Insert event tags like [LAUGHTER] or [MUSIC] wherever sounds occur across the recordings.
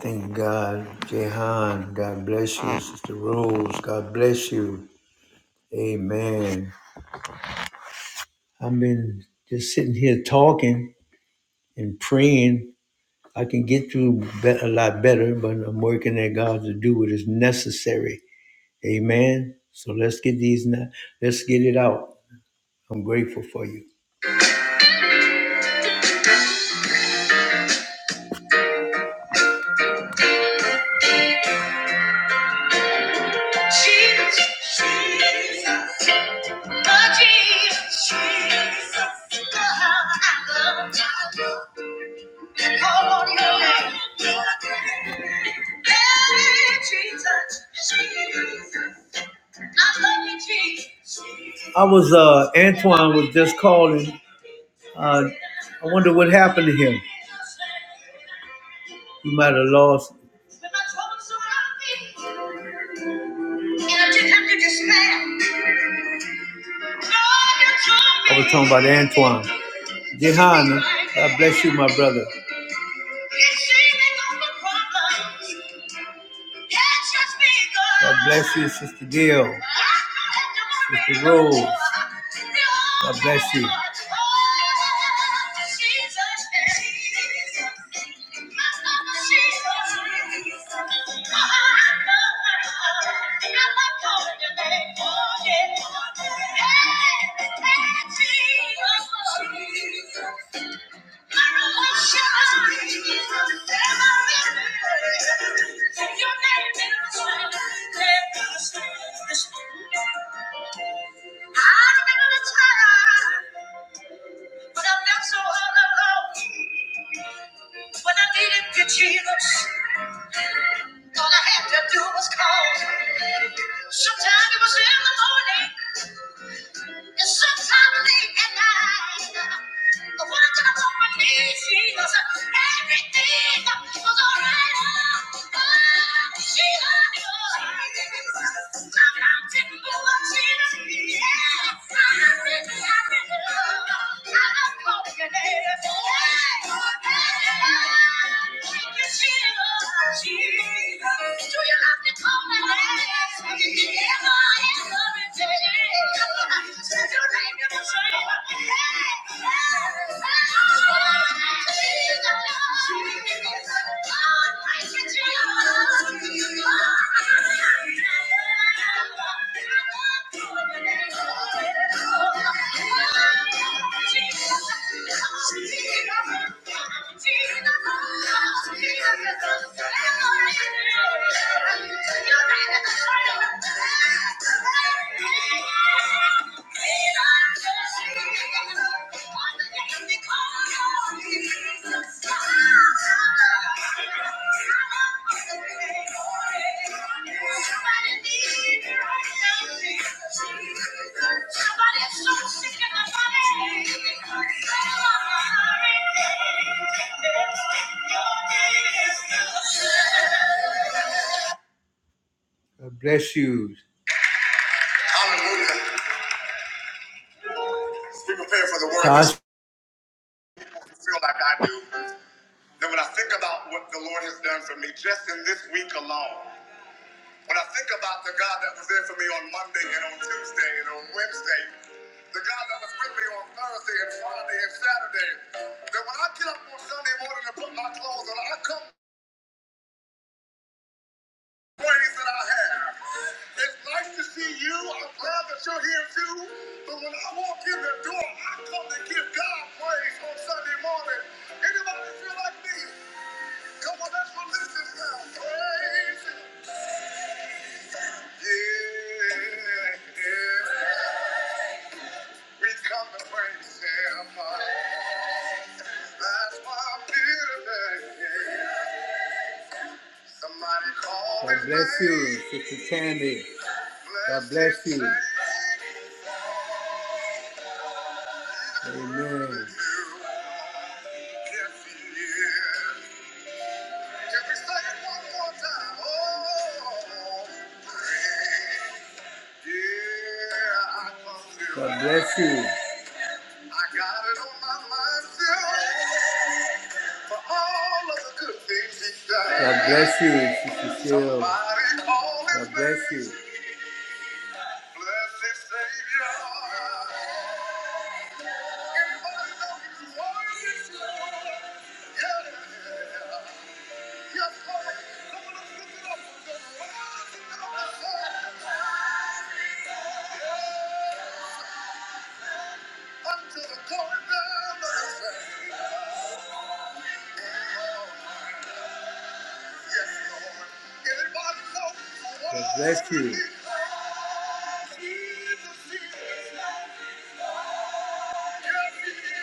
Thank God. Jehan, God bless you. Sister Rose, God bless you. Amen. I've been just sitting here talking and praying. I can get through be- a lot better, but I'm working at God to do what is necessary. Amen. So let's get these, na- let's get it out. I'm grateful for you. Jesus, Jesus, oh Jesus, Jesus, God, I love you. Call on your name. Hey, Jesus, Jesus. I was uh Antoine was just calling. Uh I wonder what happened to him. He might have lost. I was talking about Antoine. Jehan, God bless you, my brother. God bless you, Sister Gail. Sister Rose. God bless you. Jesus, all I had to do was call. Sometimes it was in the morning. It's sometimes late at night, I wanted to go on my knees, Jesus. Everything was all right. Oh, oh, she loved you. My mountain mover, Jesus. Yes, I really, I really love you. I love calling your name. Hey, hey, thank you, Jesus. Jesus. Do you love me, call me? Yes, yes, Jesus, Jesus, Jesus. God Bless you. Hallelujah. Be prepared for the word. I feel like I do. Then when I think about what the Lord has done for me just in this week alone, when I think about the God that was there for me on Monday and on Tuesday and on Wednesday, the God that was with me on Thursday and Friday and Saturday, that when I get up on Sunday morning and put my clothes on, I come nice you. are here too. But when I walk in the door, I come to give God praise on Sunday morning. Anybody feel like me? Come on, let's release this now. Praise Him. Yeah, yeah. We come to praise Him. That's why I'm here today. Somebody call God His bless name. you, Sister Tammy. God bless you. Bless His name. Amen. God bless you. I got it on my mind still for all of the good things He's done. God bless you, Sister Cheryl. God bless you. Blessed Savior. God bless you. Hallelujah.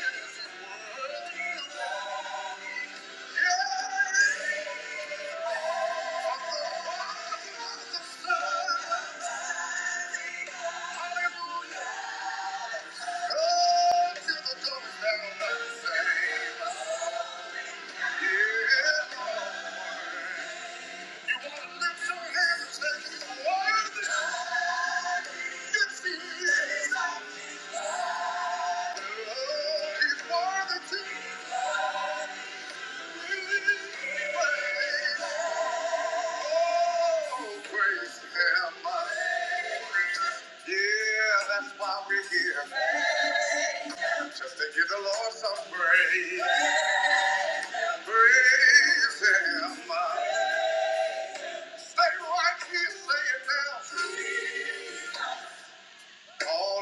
Yeah, that's why we're here. Just to give the Lord some praise. Praise Him. Say what he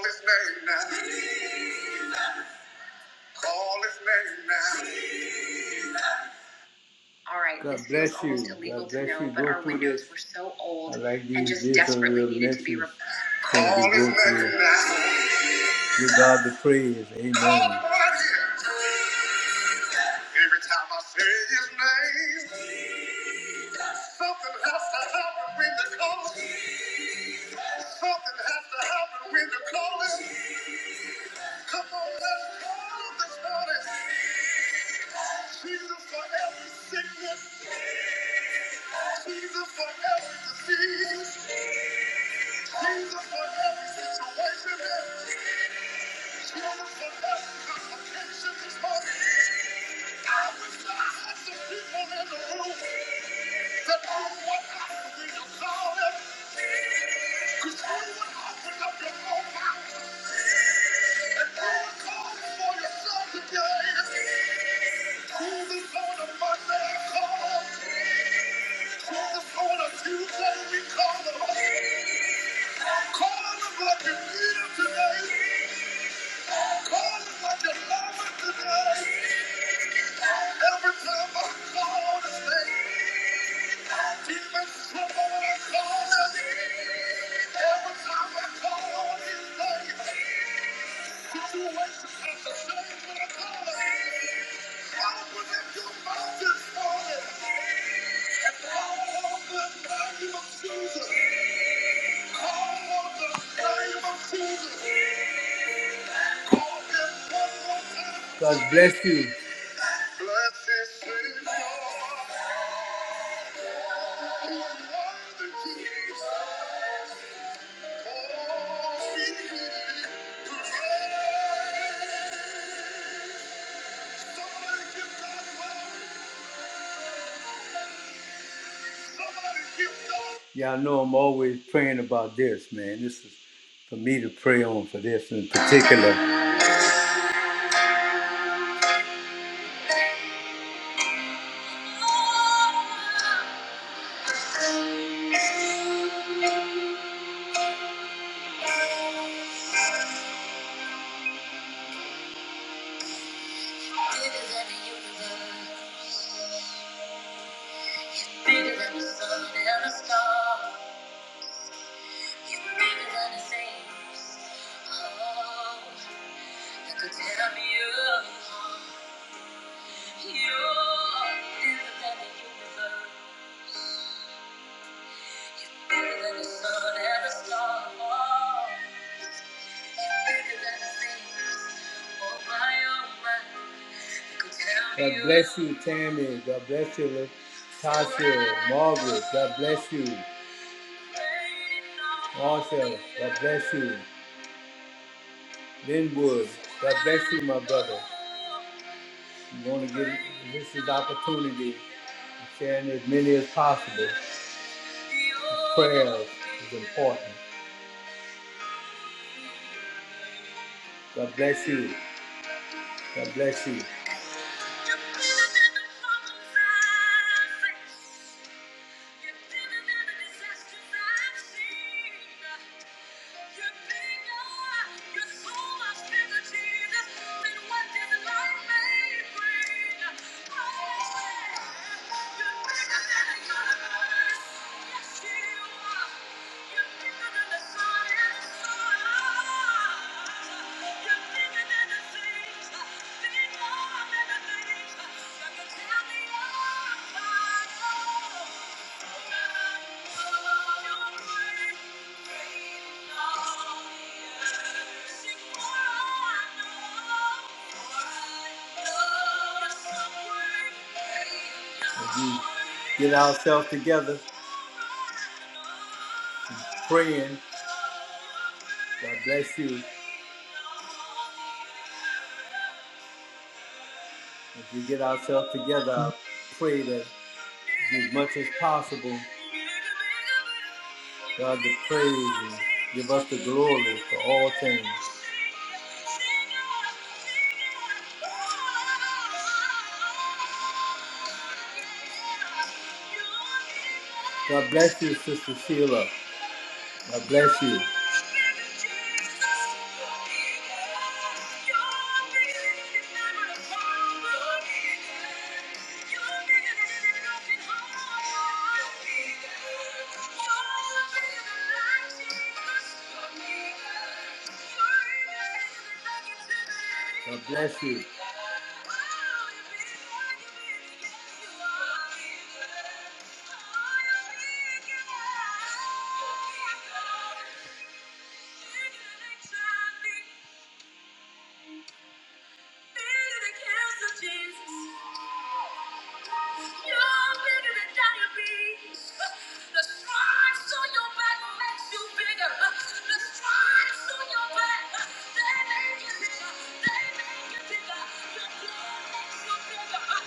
saying now. Call his name now. Call his name now. All right. God bless you. God bless you. Go our through windows this. were so old like and just desperately needed to be replaced. re- Call his name now. Give God the praise. Amen. Call him right here. Every time I say his name, something has to happen when you call it. Something has to happen when you call it. Come on, let's call this morning. Jesus for every sickness. Jesus for every disease, Jesus for every situation, Jesus for every complication this morning. I wish I had some people in the room that know what happened when you call them, because you would open up your own mouth and you would call it for yourself today. Jesus on a Monday, I call them. Who's Jesus on a Tuesday, we call him. Call him like you need him today. God bless you. Y'all know I'm always praying about this, man. This is for me to pray on for this in particular. Bigger than the universe, bigger than the sun and the stars. God bless you, Tammy. God bless you, Tasha, Margaret. God bless you. Marshall, God bless you. Then Wood, God bless you, my brother. You want to give this is opportunity of sharing as many as possible. Prayer is important. God bless you. God bless you. You're Thank you. As we Get ourselves together, praying. God bless you. If we get ourselves together, I pray that as much as possible. God the praise. Give us the glory for all things. God bless you, Sister Sheila. God bless you. God bless you. Thank you.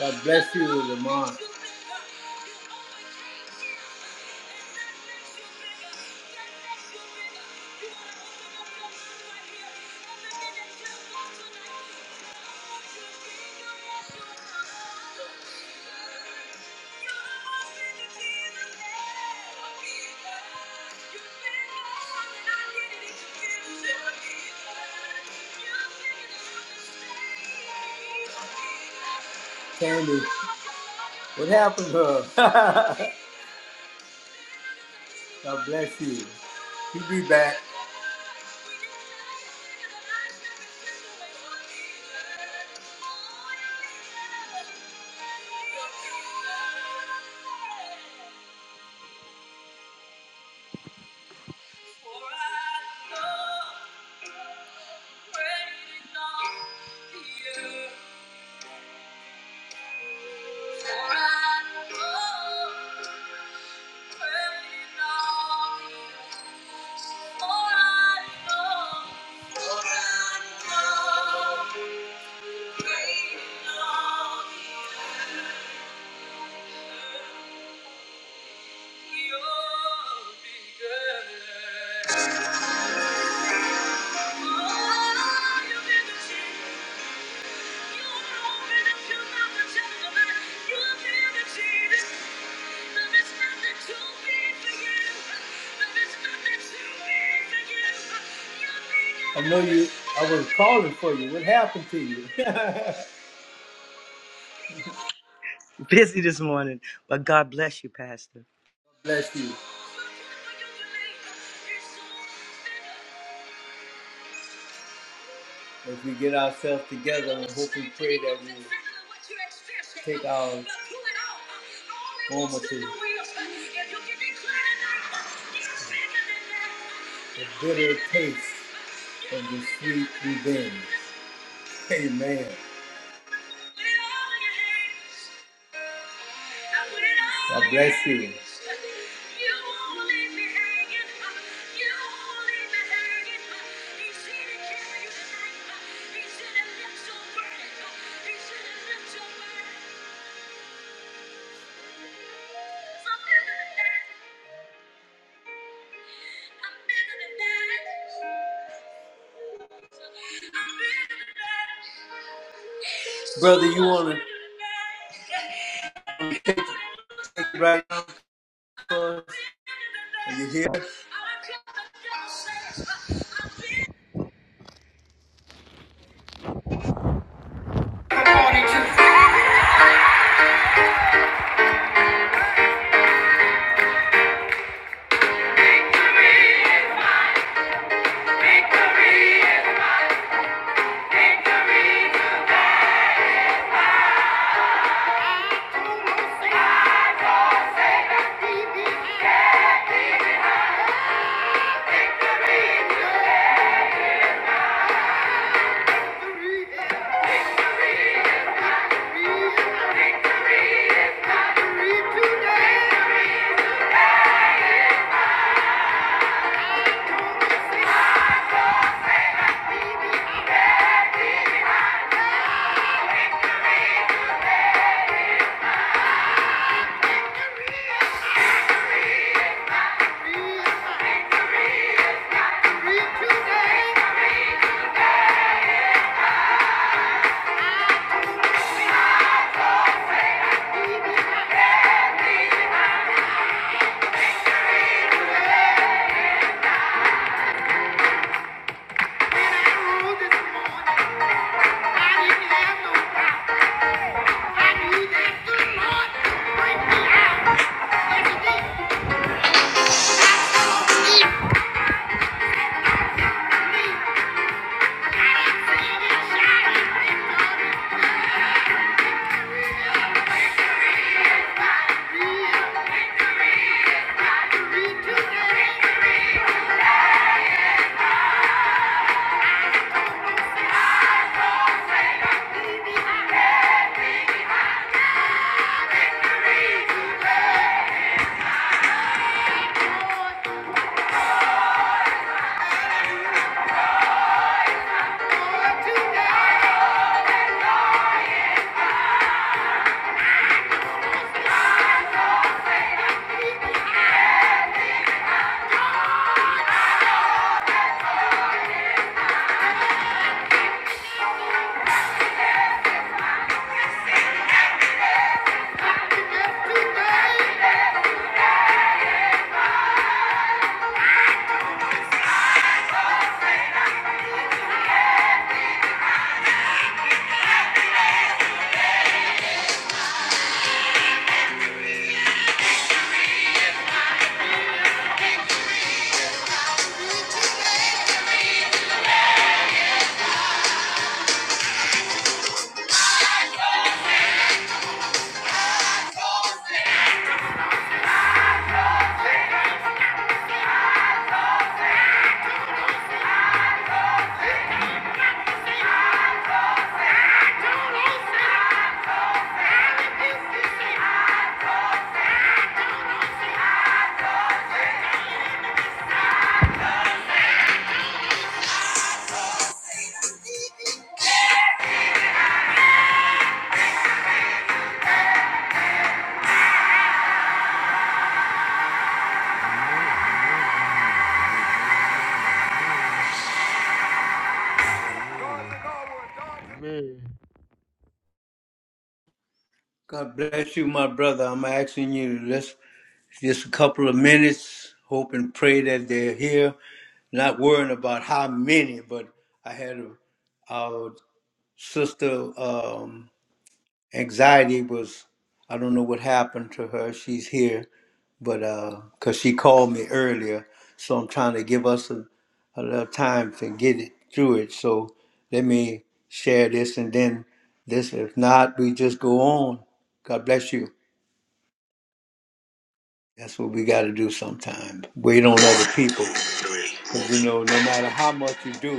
God bless you, Lamar. Candy, what happened to her? [LAUGHS] God bless you. He'll be back. For I know, for I know, for I know. I know you. I was calling for you. What happened to you? [LAUGHS] [LAUGHS] busy this morning, but God bless you, Pastor. Bless you. As we get ourselves together and hope and pray that we take our formative, the bitter taste of the sweet revenge. Amen. God bless you. Brother, you want to take it right Are you here? God bless you, my brother. I'm asking you just just a couple of minutes. Hope and pray that they're here. Not worrying about how many, but I had a, our sister. Um, Anxiety was, I don't know what happened to her. She's here, but because she called me earlier, so I'm trying to give us a, a little time to get it through it. So let me share this and then this. If not, we just go on. God bless you. That's what we got to do sometimes. Wait on other people. Because, you know, no matter how much you do,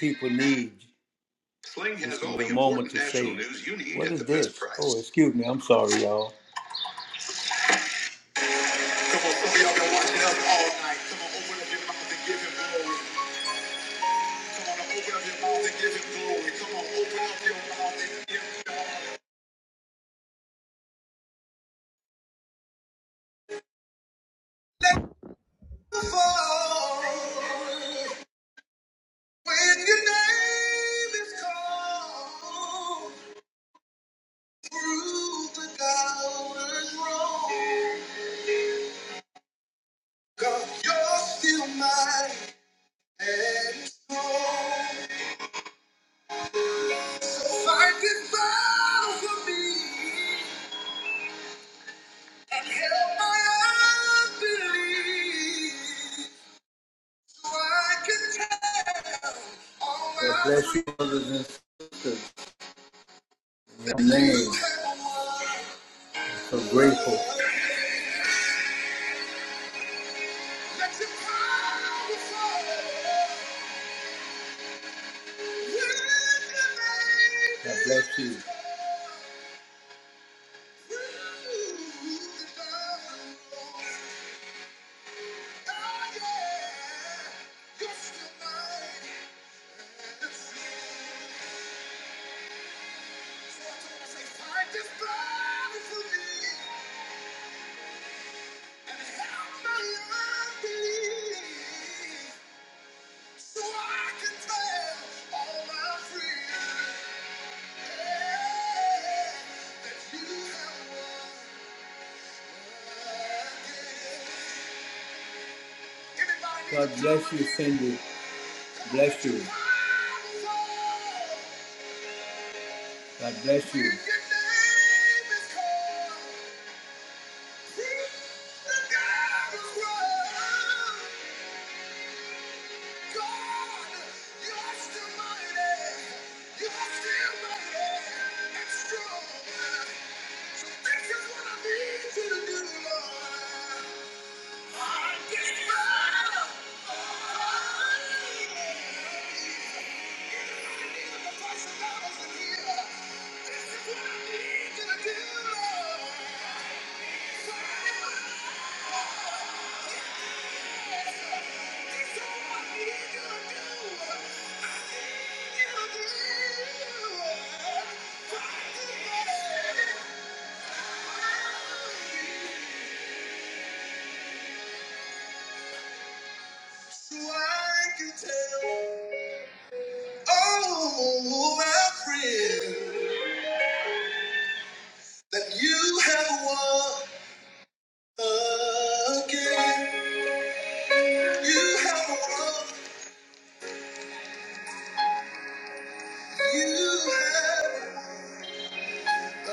people need Sling has just all the, the moment important to say, national news you need what at is the best this? price. Oh, excuse me. I'm sorry, y'all. Come on, some of y'all been watching us all night. Come on, open up your mouth and give him glory. Come on, open up your mouth and give him glory. Come on, open up your mouth and give him glory. Let the fall when your name is called through the doubters roll. God, you're still mine and strong. So fight this battle for me. And help my unbelief so I can tell all God bless you, brothers and sisters. In your name, so grateful. God bless you. God bless you, Cindy. Bless you. God bless you. God, you are still mighty. You are still mighty and strong. So this is what I need you to do, Lord. I give up. So I can tell all my friends that you have won again. You have won. You have won. You have. Oh,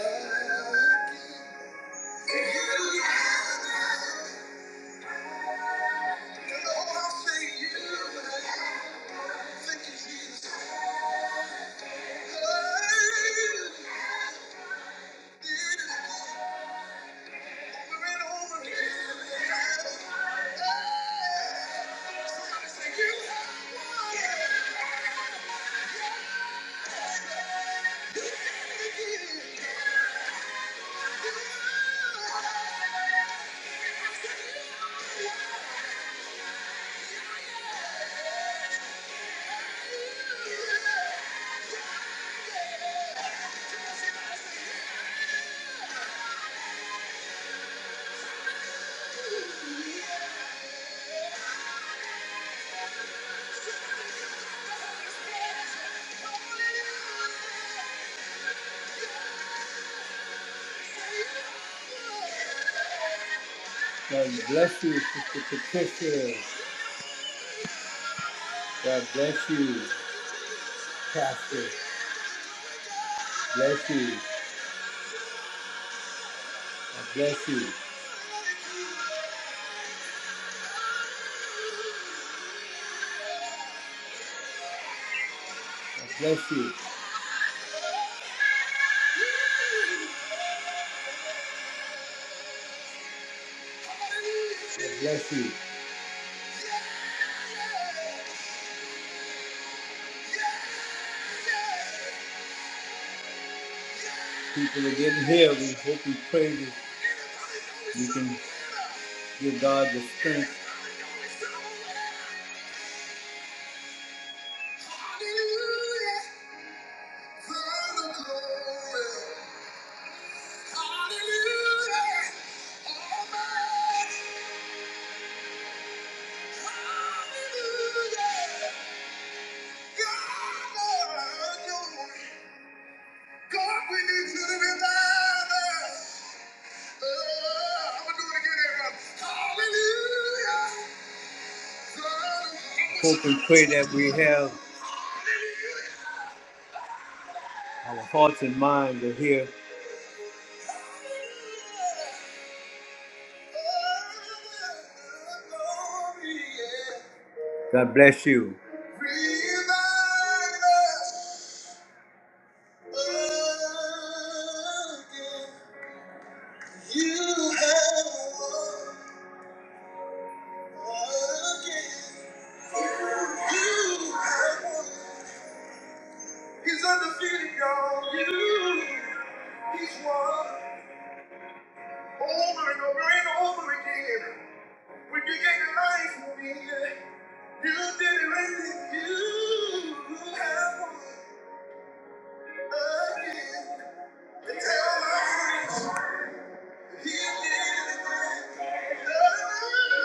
I say you have. Thank you, Jesus. Hey, it is over and over again. God bless you, Sister Patricia. God bless you, Pastor. Bless you. God bless you. God bless you. God bless you. People are getting healed. We hope we pray that you can give God the strength. Hope and pray that we have our hearts and minds are here. God bless you. You have won again. You have won. He's undefeated, y'all. You, he's won over and over and over again. When you gave your life for me, you did it right then. You have won again. And tell my friends, that he did it again.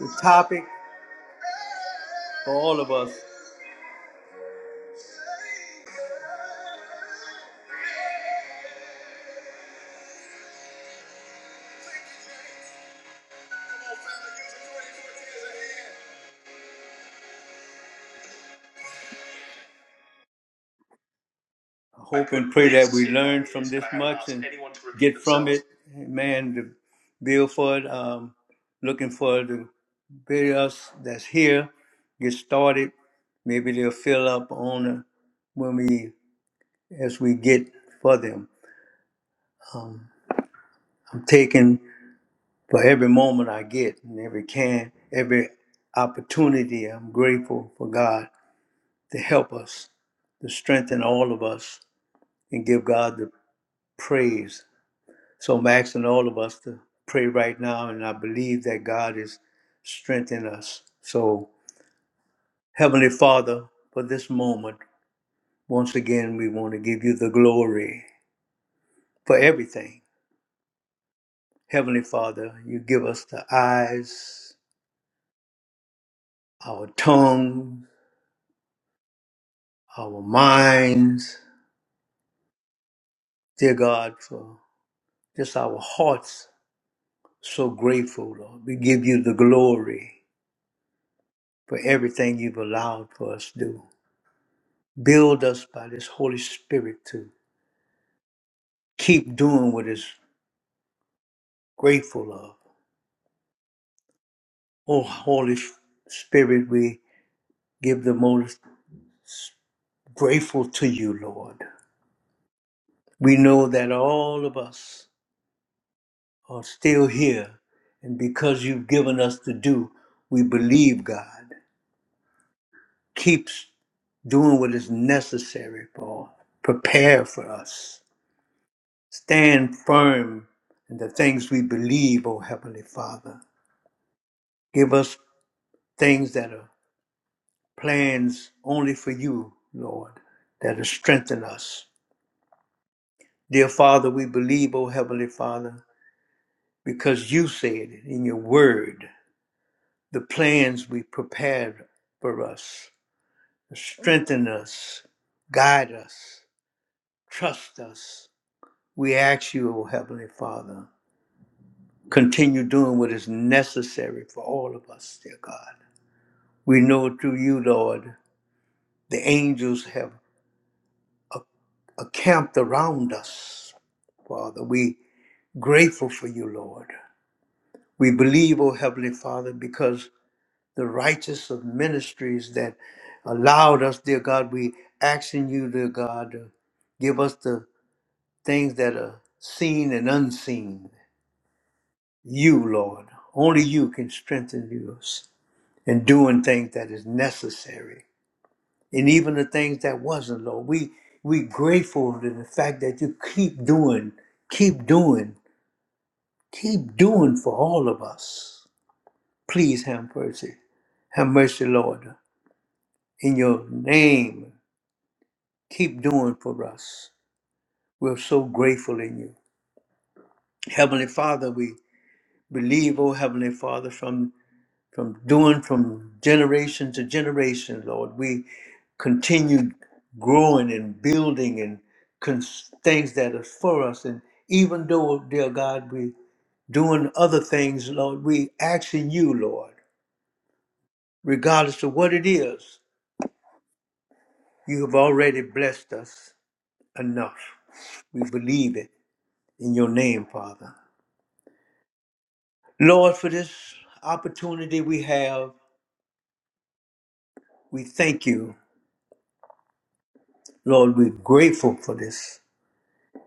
The topic for all of us. I hope and pray that we learn from this much and get from it. Man, the bill for it. Um, looking for the videos that's here. Get started. Maybe they'll fill up on the, when we as we get for them. Um, I'm taking for every moment I get and every can, every opportunity. I'm grateful for God to help us, to strengthen all of us, and give God the praise. So I'm asking all of us to pray right now, and I believe that God is strengthening us. So, Heavenly Father, for this moment, once again, we want to give you the glory for everything. Heavenly Father, you give us the eyes, our tongue, our minds, dear God, for just our hearts so grateful, Lord. We give you the glory. for everything you've allowed for us to do. Build us by this Holy Spirit to keep doing what is grateful of. Oh, Holy Spirit, we give the most grateful to you, Lord. We know that all of us are still here, and because you've given us to do, we believe God keeps doing what is necessary for prepare for us Stand firm in the things we believe, O Heavenly Father. Give us things that are plans only for you, Lord, that will strengthen us. Dear Father, we believe, O Heavenly Father, because you said it in your word, the plans we prepared for us, strengthen us, guide us, trust us. We ask you, O Heavenly Father, continue doing what is necessary for all of us, dear God. We know through you, Lord, the angels have encamped around us. Father, we grateful for you, Lord. We believe, O Heavenly Father, because the righteous of ministries that allowed us, dear God, we asking you, dear God, to give us the things that are seen and unseen. You, Lord, only you can strengthen us in doing things that is necessary. and even the things that wasn't, Lord. We we grateful to the fact that you keep doing, keep doing, keep doing for all of us. Please have mercy. Have mercy, Lord. In your name, keep doing for us. We're so grateful in you. Heavenly Father, we believe, oh Heavenly Father, from from doing from generation to generation, Lord. We continue growing and building and cons- things that are for us. And even though, dear God, we doing other things, Lord, we asking you, Lord, regardless of what it is, you have already blessed us enough. We believe it in your name, Father. Lord, for this opportunity we have, we thank you. Lord, we're grateful for this.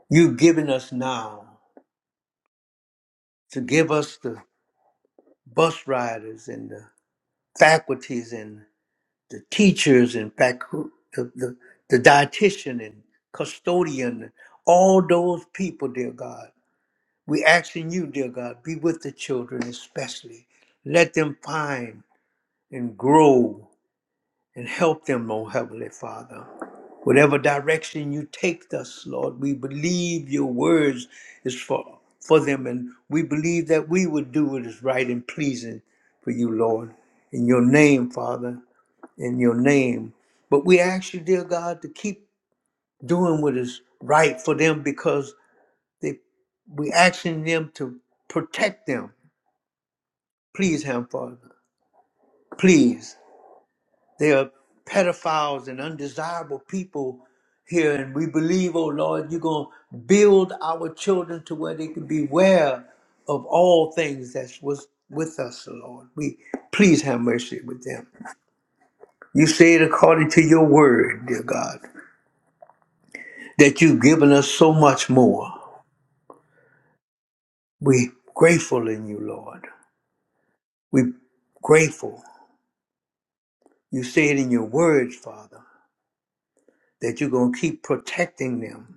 you've given us now to give us the bus riders and the faculties and the teachers and facu- the, the, the dietitian and custodian, all those people, dear God. we asking you, dear God, be with the children especially. Let them find and grow and help them, oh Heavenly Father. Whatever direction you take us, Lord, we believe your words is for, for them, and we believe that we would do what is right and pleasing for you, Lord. In your name, Father, in your name. But we ask you, dear God, to keep doing what is right for them because they, we asking them to protect them. Please, Him, Father. Please. There are pedophiles and undesirable people here, and we believe, oh Lord, you're going to build our children to where they can beware of all things that's was with us, oh Lord. We please have mercy with them. You say it according to your word, dear God, that you've given us so much more. We grateful in you, Lord. We grateful. You say it in your words, Father, that you're going to keep protecting them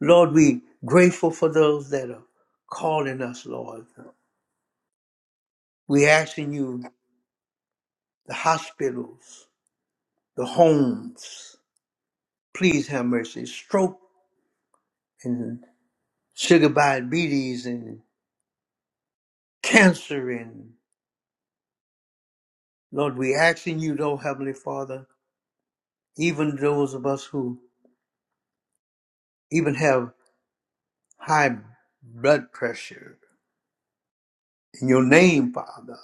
Lord, we grateful for those that are calling us, Lord. We asking you, the hospitals, the homes, please have mercy. Stroke and sugar diabetes and cancer and Lord, we asking you, though, Heavenly Father, even those of us who even have high blood pressure, in your name, Father,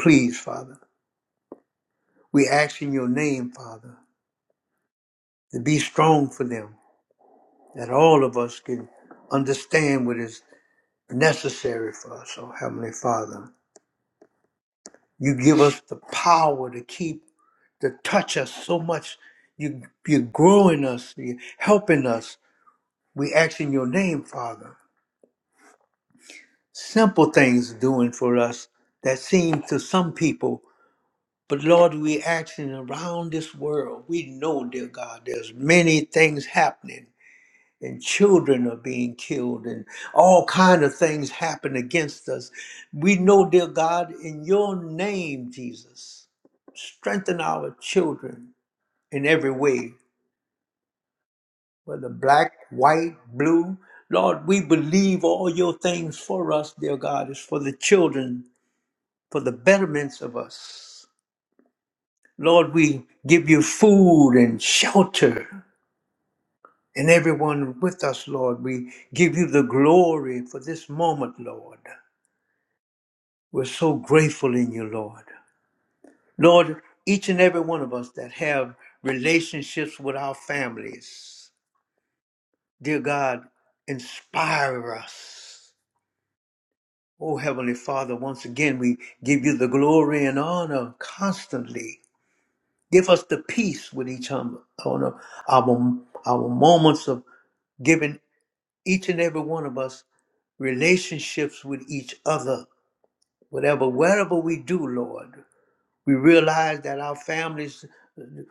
please, Father, we ask in your name, Father, to be strong for them. that all of us can understand what is necessary for us. Oh, Heavenly Father, you give us the power to keep, to touch us so much. You, you're growing us, you're helping us. We ask in your name, Father. Simple things doing for us that seem to some people, but Lord, we action around this world. We know, dear God, there's many things happening and children are being killed and all kind of things happen against us we know dear god in your name jesus strengthen our children in every way whether black white blue lord we believe all your things for us dear god is for the children for the betterments of us lord we give you food and shelter and everyone with us lord we give you the glory for this moment lord We're so grateful in you, Lord. Lord, each and every one of us that have relationships with our families, dear God, inspire us. Oh, Heavenly Father, once again, we give you the glory and honor constantly. Give us the peace with each other, our, our our moments of giving each and every one of us relationships with each other. Whatever, wherever we do, Lord, we realize that our families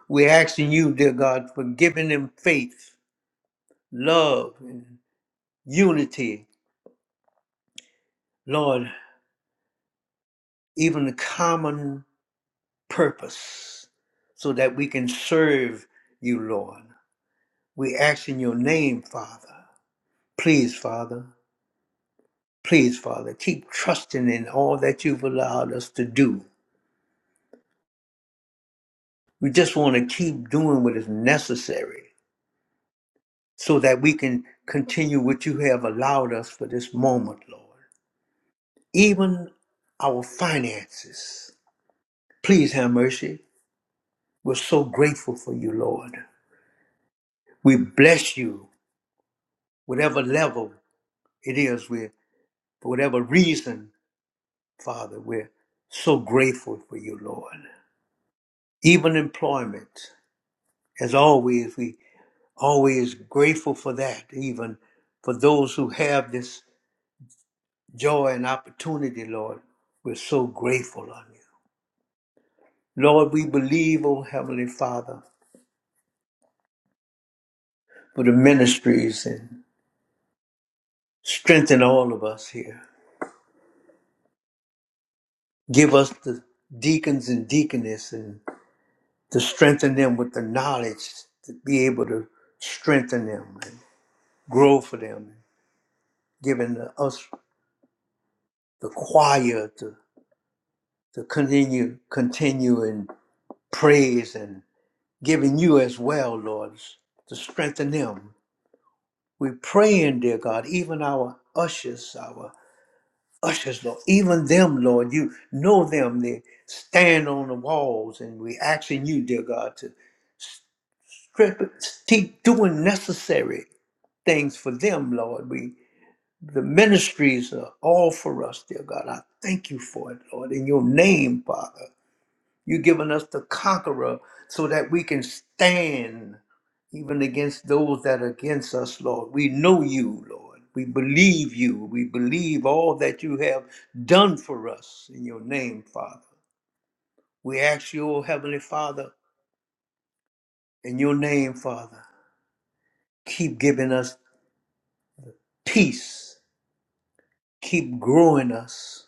We're asking you, dear God, for giving them faith, love, and unity, Lord, even a common purpose so that we can serve you, Lord. We ask in your name, Father. Please, Father, please, Father, keep trusting in all that you've allowed us to do. We just want to keep doing what is necessary so that we can continue what you have allowed us for this moment, Lord. even our finances. Please have mercy. We're so grateful for you, Lord. We bless you, whatever level it is, we're, for whatever reason, Father, we're so grateful for you, Lord. Even employment, as always, we always grateful for that, even for those who have this joy and opportunity, Lord. We're so grateful on you. Lord, we believe, oh Heavenly Father, for the ministries and. Strengthen all of us here. Give us the deacons and deaconess and to strengthen them with the knowledge to be able to strengthen them and grow for them. Giving us the choir to, to continue continue in praise and giving you as well, Lord, to strengthen them. We pray in, dear God, even our ushers, our ushers, Lord. Even them, Lord, you know them. They stand on the walls, and we asking you, dear God, to strip, keep doing necessary things for them, Lord. We the ministries are all for us, dear God. I thank you for it, Lord, in your name, Father. You've given us the conqueror so that we can stand even against those that are against us, Lord. We know you, Lord. We believe you. We believe all that you have done for us in your name, Father. We ask you, O Heavenly Father, in your name, Father, keep giving us peace. Keep growing us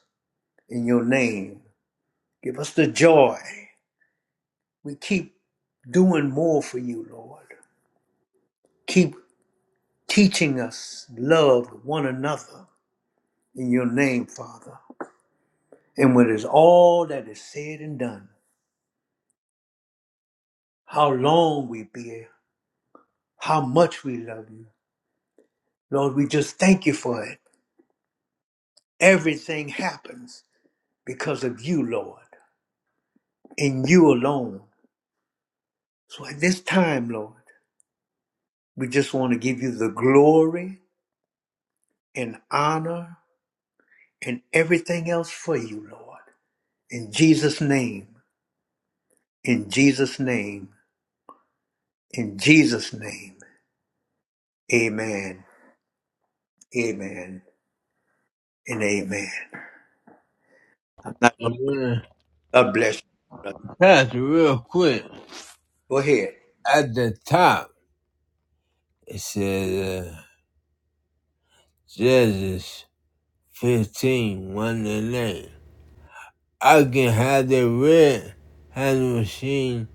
in your name. Give us the joy. We keep doing more for you, Lord. Keep teaching us love one another in your name, Father. And when it's all that is said and done, how long we be, how much we love you. Lord, we just thank you for it. Everything happens because of you, Lord, and you alone. So at this time, Lord, we just want to give you the glory and honor and everything else for you, Lord. In Jesus' name, in Jesus' name, in Jesus' name. Amen. Amen. And amen. I'm not going And to. then, God bless you, brother. Pastor, real quick, Go ahead. at the top, it says. Uh, Judges fifteen one to 9. I can have the red hand machine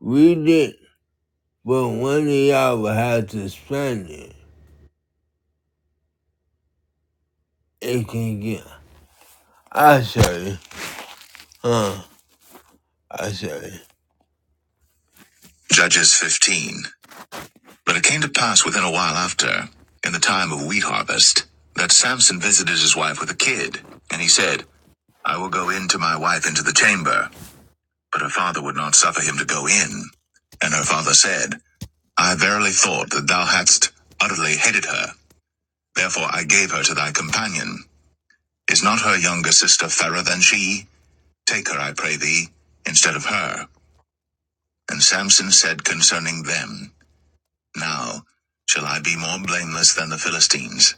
read it, but one of y'all will have to spend it. It can get. I say, huh? I say. Judges 15. But it came to pass within a while after, in the time of wheat harvest, that Samson visited his wife with a kid, and he said, I will go in to my wife into the chamber. But her father would not suffer him to go in. And her father said, I verily thought that thou hadst utterly hated her. Therefore I gave her to thy companion. Is not her younger sister fairer than she? Take her, I pray thee, instead of her. And Samson said concerning them, Now shall I be more blameless than the Philistines,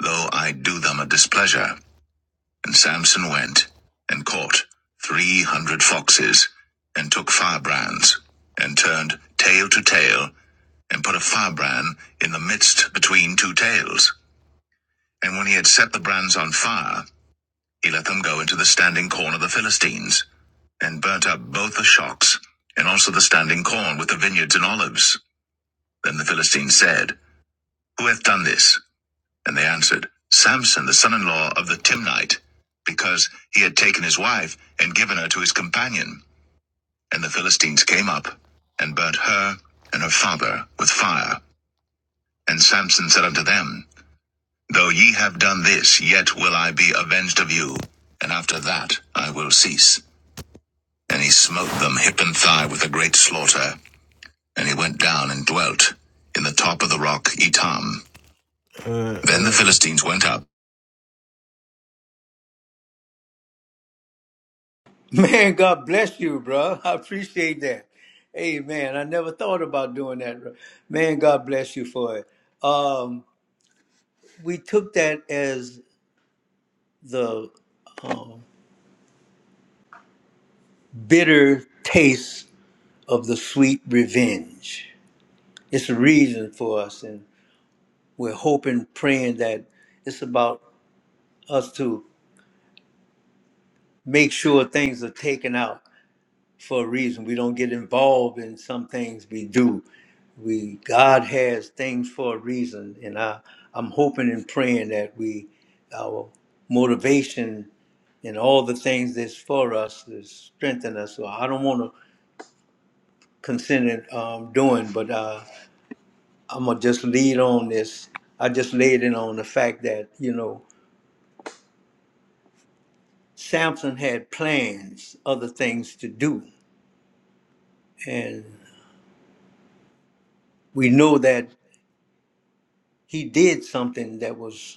though I do them a displeasure. And Samson went and caught three hundred foxes, and took firebrands, and turned tail to tail, and put a firebrand in the midst between two tails. And when he had set the brands on fire, he let them go into the standing corn of the Philistines, and burnt up both the shocks, and also the standing corn with the vineyards and olives. Then the Philistines said, Who hath done this? And they answered, Samson, the son in law of the Timnite, because he had taken his wife and given her to his companion. And the Philistines came up, and burnt her and her father with fire. And Samson said unto them, Though ye have done this, yet will I be avenged of you, and after that I will cease. And he smote them hip and thigh with a great slaughter, and he went down and dwelt in the top of the rock Etam. Uh, Then the uh, Philistines went up. [LAUGHS] Man, God bless you, bro. [LAUGHS] I appreciate that. Amen. I never thought about doing that. Man, God bless you for it. Um, we took that as the um, bitter taste of the sweet revenge. It's a reason for us, and we're hoping, praying that it's about us to make sure things are taken out for a reason. We don't get involved in some things we do. We God has things for a reason, and I I'm hoping and praying that we our motivation and all the things that's for us is strengthen us. So I don't want to consider um, doing, but uh, I'm gonna just lead on this. I just laid it on the fact that you know Samson had plans, other things to do, and we know that he did something that was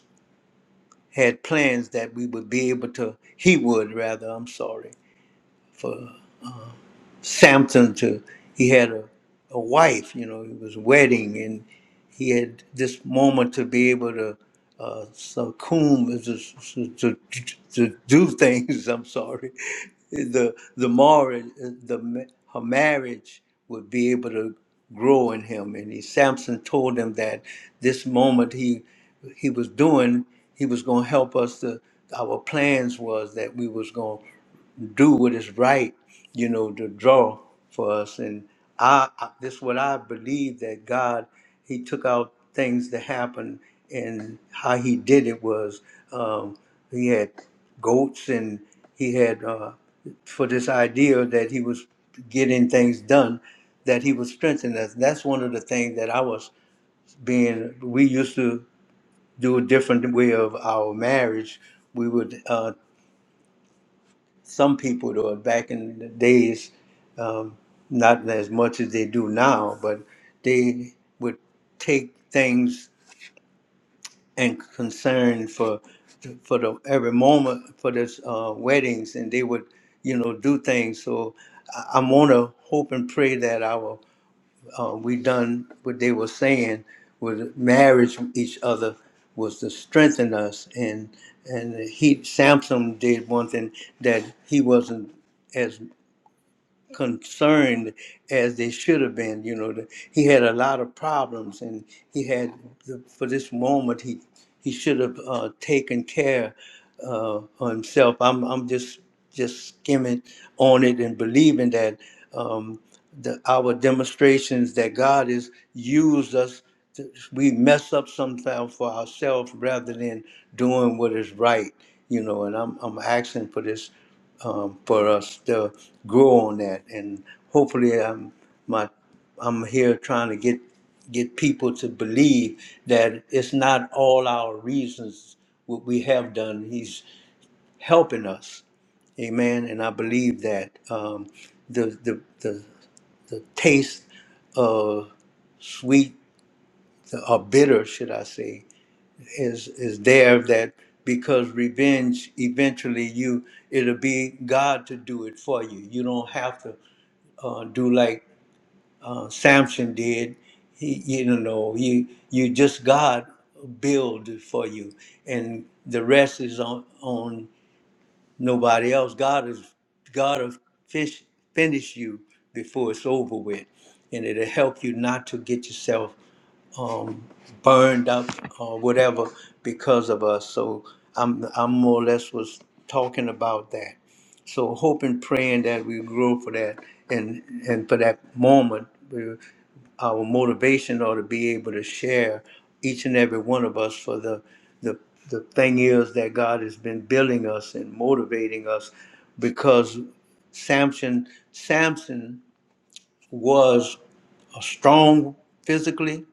had plans that we would be able to he would rather i'm sorry for. Samson to he had a, a wife, you know, it was wedding and he had this moment to be able to uh, succumb to, to, to do things. [LAUGHS] I'm sorry. The the marriage, the ma- her marriage would be able to grow in him. And he, Samson told him that this moment he he was doing, he was going to help us. To, our plans was that we was going. to do what is right, you know, to draw for us. And I, I this is what I believe that God, He took out things that happened, and how He did it was um, He had goats, and He had uh, for this idea that He was getting things done, that He was strengthening us. That's one of the things that I was being. We used to do a different way of our marriage. We would uh, some people though back in the days um, not as much as they do now but they would take things and concern for for the every moment for this uh, weddings and they would you know do things so i, I want to hope and pray that our uh, we done what they were saying with marriage with each other was to strengthen us and and he samson did one thing that he wasn't as concerned as they should have been. You know, the, he had a lot of problems, and he had the, for this moment he he should have uh, taken care uh, himself. I'm I'm just just skimming on it and believing that um, the, our demonstrations that God has used us. To, we mess up sometimes for ourselves rather than doing what is right, you know. And I'm I'm asking for this um, for us to grow on that, and hopefully, um, my I'm here trying to get get people to believe that it's not all our reasons what we have done. He's helping us, Amen. And I believe that um, the, the the the taste of sweet or bitter, should I say, is is there that because revenge eventually you it'll be God to do it for you. You don't have to uh, do like uh, Samson did. He, you don't know, you you just God build for you, and the rest is on on nobody else. God is God will fish, finish you before it's over with, and it'll help you not to get yourself um, burned up or whatever because of us. So I'm I'm more or less was talking about that. So hoping, praying that we grow for that and and for that moment, where our motivation ought to be able to share each and every one of us for the the the thing is that God has been building us and motivating us because Samson Samson was a strong physically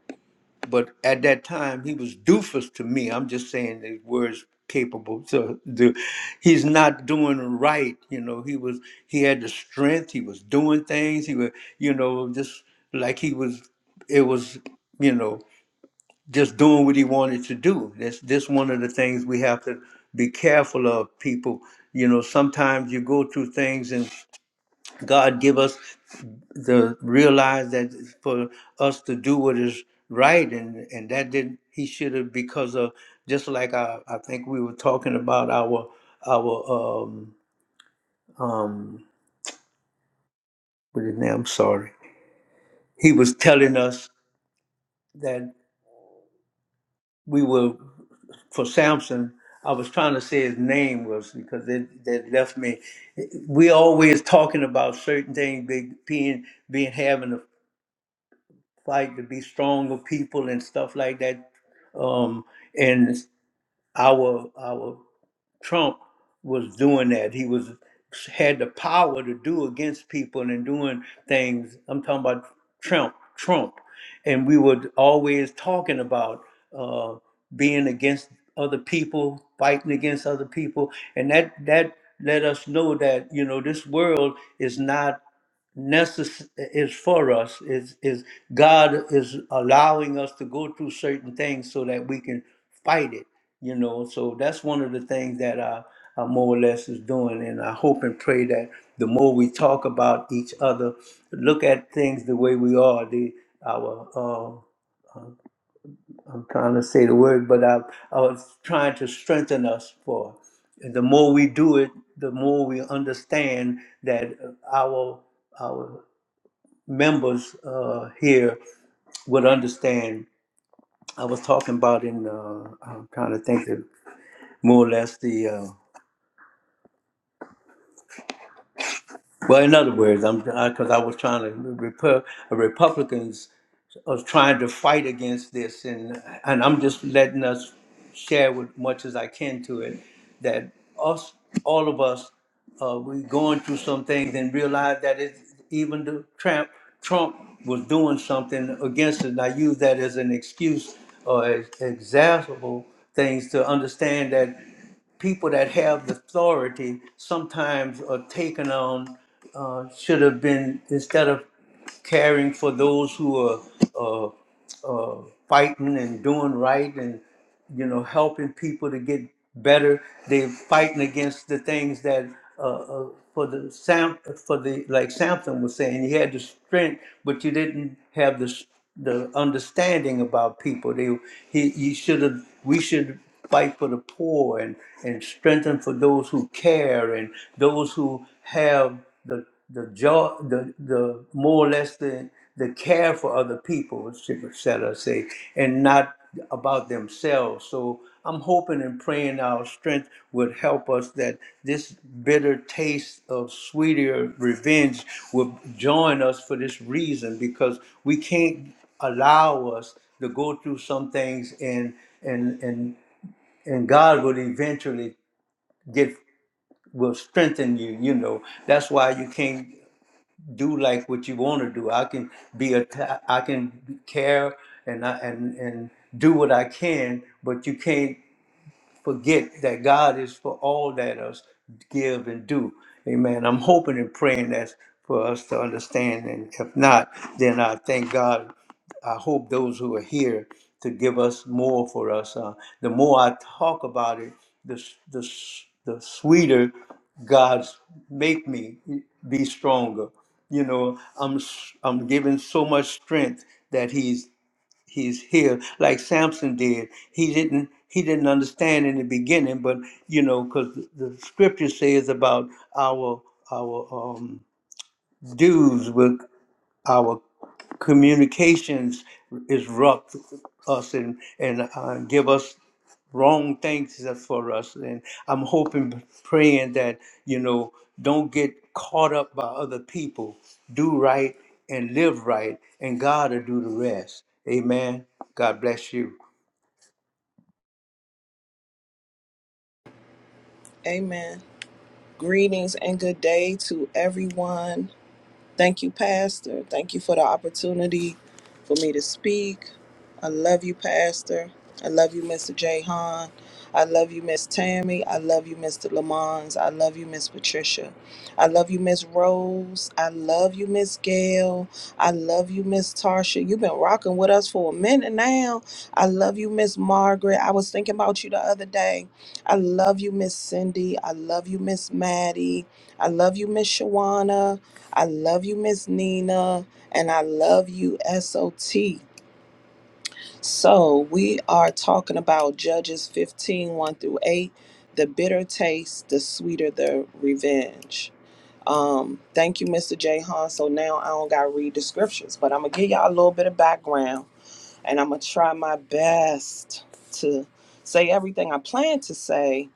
but at that time he was doofus to me. I'm just saying the words capable to do. He's not doing right. You know, he was he had the strength. He was doing things. He was you know just like he was. It was you know just doing what he wanted to do. That's this one of the things we have to be careful of people. You know, sometimes you go through things and. God give us the realize that for us to do what is right and and that did not he should have because of just like I, I think we were talking about our our um um what is his name I'm sorry he was telling us that we were for Samson I was trying to say his name was because it that left me we always talking about certain things big being being having a. fight to be stronger people and stuff like that. Um, and our our Trump was doing that. He was had the power to do against people and doing things. I'm talking about Trump, Trump, and we were always talking about uh, being against other people, fighting against other people, and that that let us know that you know this world is not necess- is for us is is god is allowing us to go through certain things so that we can fight it you know so that's one of the things that i, I more or less is doing and i hope and pray that the more we talk about each other look at things the way we are the our uh, i'm trying to say the word but i, I was trying to strengthen us for And the more we do it the more we understand that uh, our our members uh, here would understand. I was talking about in, uh, I'm trying to think of more or less the uh, Well, in other words, I'm because I, was trying to repu- uh, Republicans are trying to fight against this, and and I'm just letting us share with much as I can to it that us all of us uh, we going through some things and realize that it's even the Trump Trump was doing something against it. And I use that as an excuse or as example things to understand that people that have the authority sometimes are taken on uh, should have been instead of caring for those who are uh, uh, fighting and doing right and you know helping people to get better they're fighting against the things that uh, uh, for the sam for the like samson was saying he had the strength but you didn't have the s- the understanding about people they he you should have we should fight for the poor and, and strengthen for those who care and those who have the the jaw the, the more or less the the care for other people, Sarah say, and not about themselves. So I'm hoping and praying our strength would help us that this bitter taste of sweeter revenge will join us for this reason because we can't allow us to go through some things and and and and God will eventually get will strengthen you. You know that's why you can't do like what you want to do. I can be a I can care and I and and do what I can, but you can't forget that God is for all that us give and do. Amen. I'm hoping and praying that's for us to understand. And if not, then I thank God. I hope those who are here to give us more for us. Uh, the more I talk about it, the, s- the, s- the sweeter God's make me be stronger. You know, I'm s- I'm given so much strength that He's he's here like samson did he didn't he didn't understand in the beginning but you know because the the scripture says about our our um, dues were our communications disrupt us and, and uh, give us wrong things that for us. And I'm hoping, praying that, you know, don't get caught up by other people. Do right and live right, and God will do the rest. Amen. God bless you. Amen. Greetings and good day to everyone. Thank you, Pastor. Thank you for the opportunity for me to speak. I love you, Pastor. I love you, Mr. Jay I love you, Miss Tammy. I love you, Mr. Lamons. I love you, Miss Patricia. I love you, Miss Rose. I love you, Miss Gail. I love you, Miss Tarsha. You've been rocking with us for a minute now. I love you, Miss Margaret. I was thinking about you the other day. I love you, Miss Cindy. I love you, Miss Maddie. I love you, Miss Shawana. I love you, Miss Nina, and I love you, SOT. So, we are talking about Judges fifteen one through 8. The bitter taste, the sweeter the revenge. Um, thank you, Mr. Jahan. So now I don't gotta read the scriptures, but I'm gonna give y'all a little bit of background and I'm gonna try my best to say everything I plan to say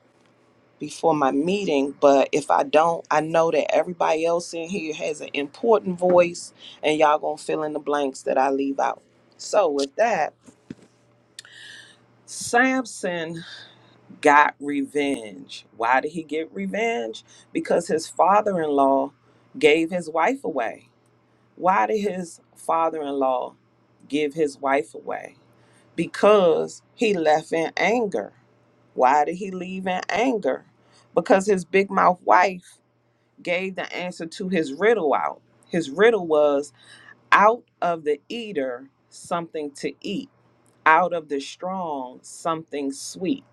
before my meeting, but if I don't, I know that everybody else in here has an important voice and y'all gonna fill in the blanks that I leave out. So with that, Samson got revenge. Why did he get revenge? Because his father-in-law gave his wife away. Why did his father-in-law give his wife away? Because he left in anger. Why did he leave in anger? Because his big mouth wife gave the answer to his riddle out. His riddle was out of the eater, something to eat, out of the strong, something sweet.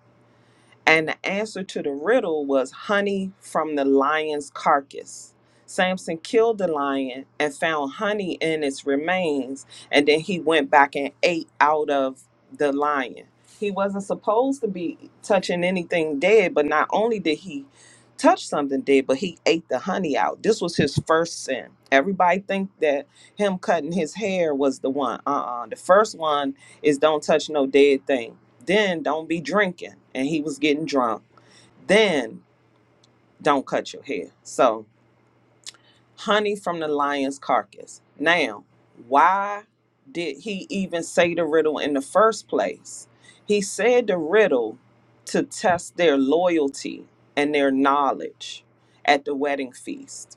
And the answer to the riddle was honey from the lion's carcass. Samson killed the lion and found honey in its remains, and then he went back and ate out of the lion. He wasn't supposed to be touching anything dead, but not only did he touch something dead, but he ate the honey out. This was his first sin. Everybody think that him cutting his hair was the one. Uh-uh. The first one is don't touch no dead thing. Then don't be drinking. And he was getting drunk. Then don't cut your hair. So, honey from the lion's carcass. Now, why did he even say the riddle in the first place? He said the riddle to test their loyalty and their knowledge at the wedding feast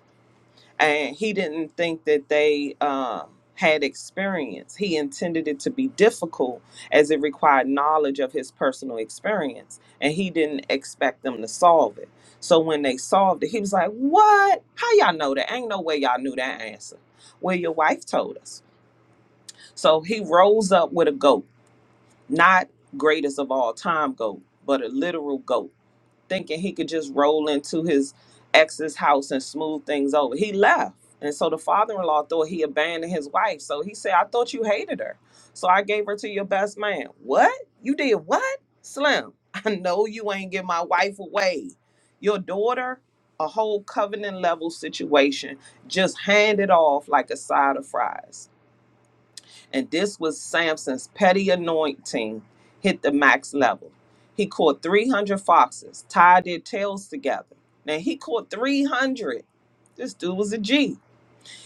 and he didn't think that they um, had experience. He intended it to be difficult as it required knowledge of his personal experience, and he didn't expect them to solve it. So when they solved it, he was like, "What? How y'all know that? Ain't no way y'all knew that answer." Well, your wife told us. So he rose up with a goat, not greatest of all time goat, but a literal goat thinking he could just roll into his ex's house and smooth things over. He left. And so the father in law thought he abandoned his wife. So he said, I thought you hated her. So I gave her to your best man. What? You did what? Slim, [LAUGHS] I know you ain't give my wife away. Your daughter, a whole covenant level situation, just hand it off like a side of fries. And this was Samson's petty anointing hit the max level. He caught 300 foxes, tied their tails together. Now he caught 300. This dude was a G.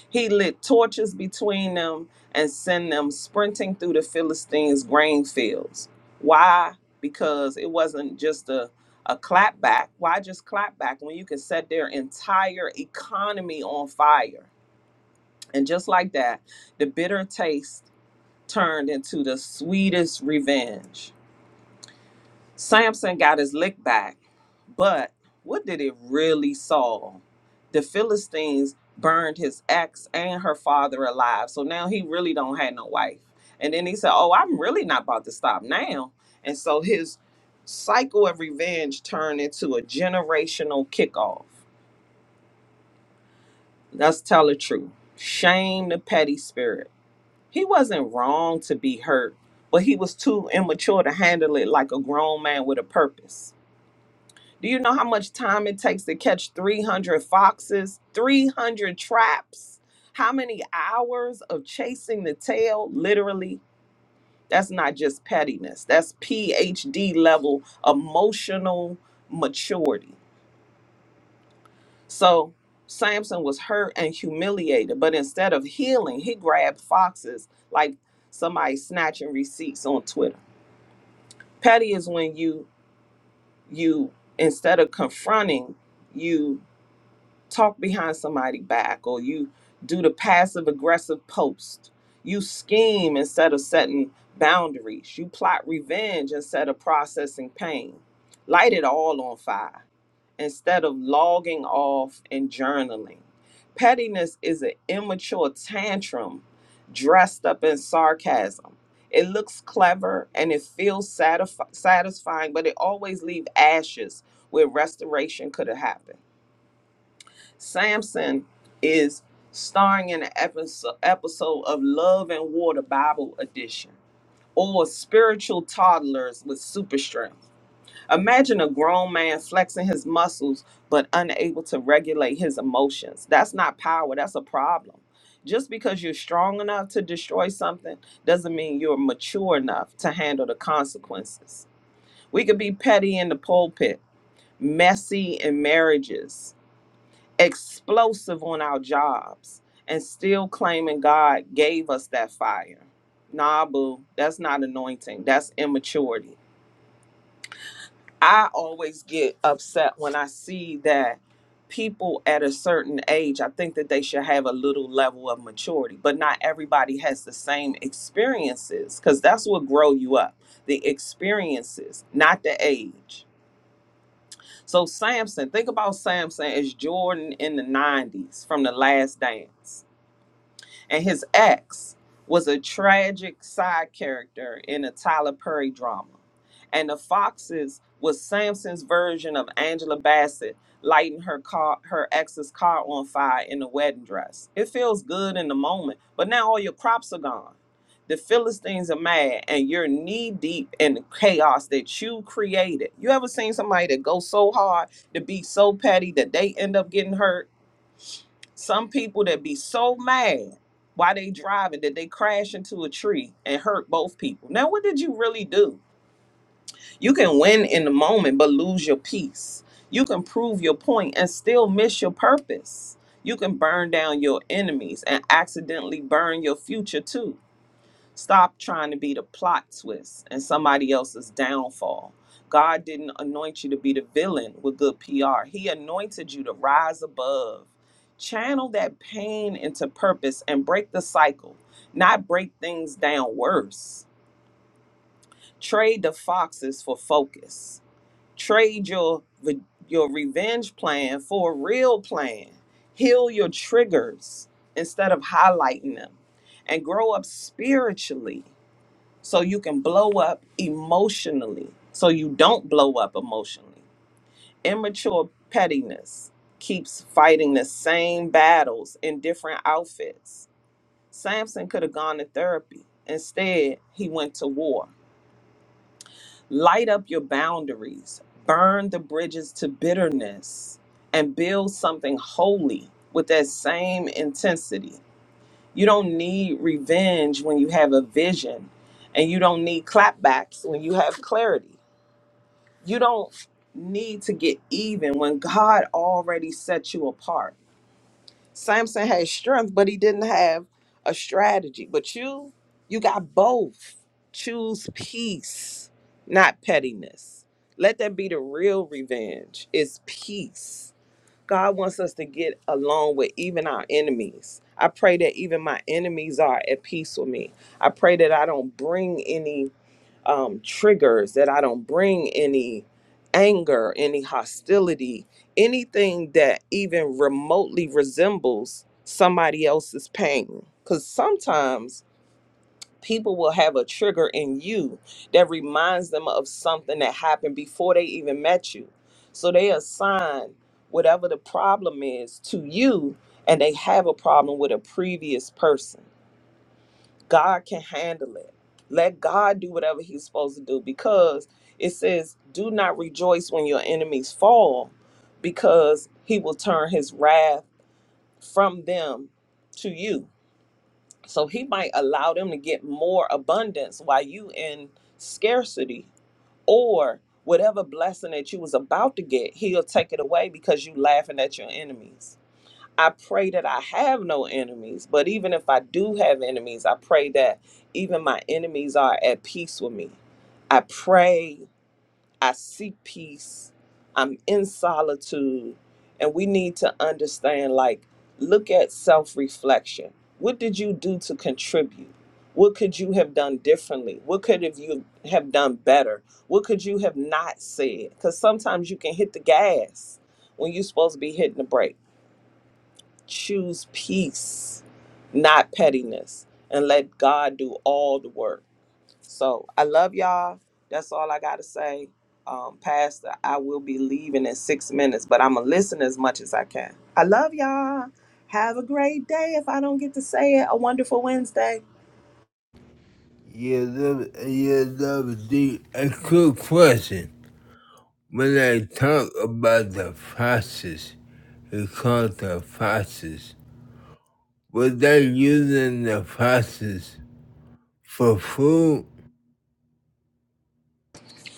He lit torches between them and sent them sprinting through the Philistines' grain fields. Why? Because it wasn't just a, a clap back. Why just clap back when you could set their entire economy on fire? And just like that, the bitter taste turned into the sweetest revenge. Samson got his lick back, but what did it really solve? The Philistines burned his ex and her father alive. So now he really don't have no wife. And then he said, "Oh, I'm really not about to stop now." And so his cycle of revenge turned into a generational kickoff. Let's tell the truth. Shame the petty spirit He wasn't wrong to be hurt, but he was too immature to handle it like a grown man with a purpose. Do you know how much time it takes to catch 300 foxes, 300 traps? How many hours of chasing the tail? Literally, that's not just pettiness, that's PhD level emotional maturity. So, Samson was hurt and humiliated, but instead of healing, he grabbed foxes like somebody snatching receipts on Twitter. Petty is when you you instead of confronting, you talk behind somebody back or you do the passive aggressive post. You scheme instead of setting boundaries. You plot revenge instead of processing pain. Light it all on fire instead of logging off and journaling. Pettiness is an immature tantrum dressed up in sarcasm. It looks clever and it feels satisfi- satisfying, but it always leaves ashes where restoration could have happened. Samson is starring in an episode, episode of Love and Water Bible Edition or Spiritual Toddlers with Super Strength Imagine a grown man flexing his muscles but unable to regulate his emotions. That's not power, that's a problem. Just because you're strong enough to destroy something doesn't mean you're mature enough to handle the consequences. We could be petty in the pulpit, messy in marriages, explosive on our jobs, and still claiming God gave us that fire. Nah, boo, that's not anointing, that's immaturity. I always get upset when I see that people at a certain age, I think that they should have a little level of maturity, but not everybody has the same experiences because that's what grow you up. The experiences, not the age. So Samson, think about Samson as Jordan in the 90s from the last dance and his ex was a tragic side character in a Tyler Perry drama. And the Foxes was Samson's version of Angela Bassett lighting her car her ex's car on fire in a wedding dress. It feels good in the moment, but now all your crops are gone. The Philistines are mad and you're knee deep in the chaos that you created. You ever seen somebody that goes so hard to be so petty that they end up getting hurt? Some people that be so mad why they driving that they crash into a tree and hurt both people. Now, what did you really do? You can win in the moment, but lose your peace. You can prove your point and still miss your purpose. You can burn down your enemies and accidentally burn your future too. Stop trying to be the plot twist and somebody else's downfall. God didn't anoint you to be the villain with good PR. He anointed you to rise above. Channel that pain into purpose and break the cycle, not break things down worse. Trade the foxes for focus. Trade your re- your revenge plan for a real plan. Heal your triggers instead of highlighting them and grow up spiritually so you can blow up emotionally, so you don't blow up emotionally. Immature pettiness keeps fighting the same battles in different outfits. Samson could have gone to therapy. Instead, he went to war. Light up your boundaries, burn the bridges to bitterness, and build something holy with that same intensity. You don't need revenge when you have a vision, and you don't need clapbacks when you have clarity. You don't need to get even when God already set you apart. Samson had strength, but he didn't have a strategy. But you, you got both. Choose peace, not pettiness. Let that be the real revenge. It's peace God wants us to get along with even our enemies. I pray that even my enemies are at peace with me. I pray that I don't bring any um, triggers, that I don't bring any anger, any hostility, anything that even remotely resembles somebody else's pain. Because sometimes people will have a trigger in you that reminds them of something that happened before they even met you. So they assign whatever the problem is to you, and they have a problem with a previous person. God can handle it. Let God do whatever He's supposed to do because it says, Do not rejoice when your enemies fall, because He will turn His wrath from them to you so he might allow them to get more abundance while you in scarcity or whatever blessing that you was about to get, he'll take it away because you laughing at your enemies. I pray that I have no enemies, but even if I do have enemies, I pray that even my enemies are at peace with me. I pray I seek peace. I'm in solitude. And we need to understand like, look at self reflection. What did you do to contribute? What could you have done differently? What could have you have done better? What could you have not said? Because sometimes you can hit the gas when you're supposed to be hitting the brake. Choose peace, not pettiness, and let God do all the work. So I love y'all. That's all I got to say. Um, Pastor, I will be leaving in six minutes, but I'm going to listen as much as I can. I love y'all. Have a great day if I don't get to say it. A wonderful Wednesday. yeah, that, yeah, that was the, a quick question. When I talk about the foxes, it's called the foxes. Were they using the foxes for food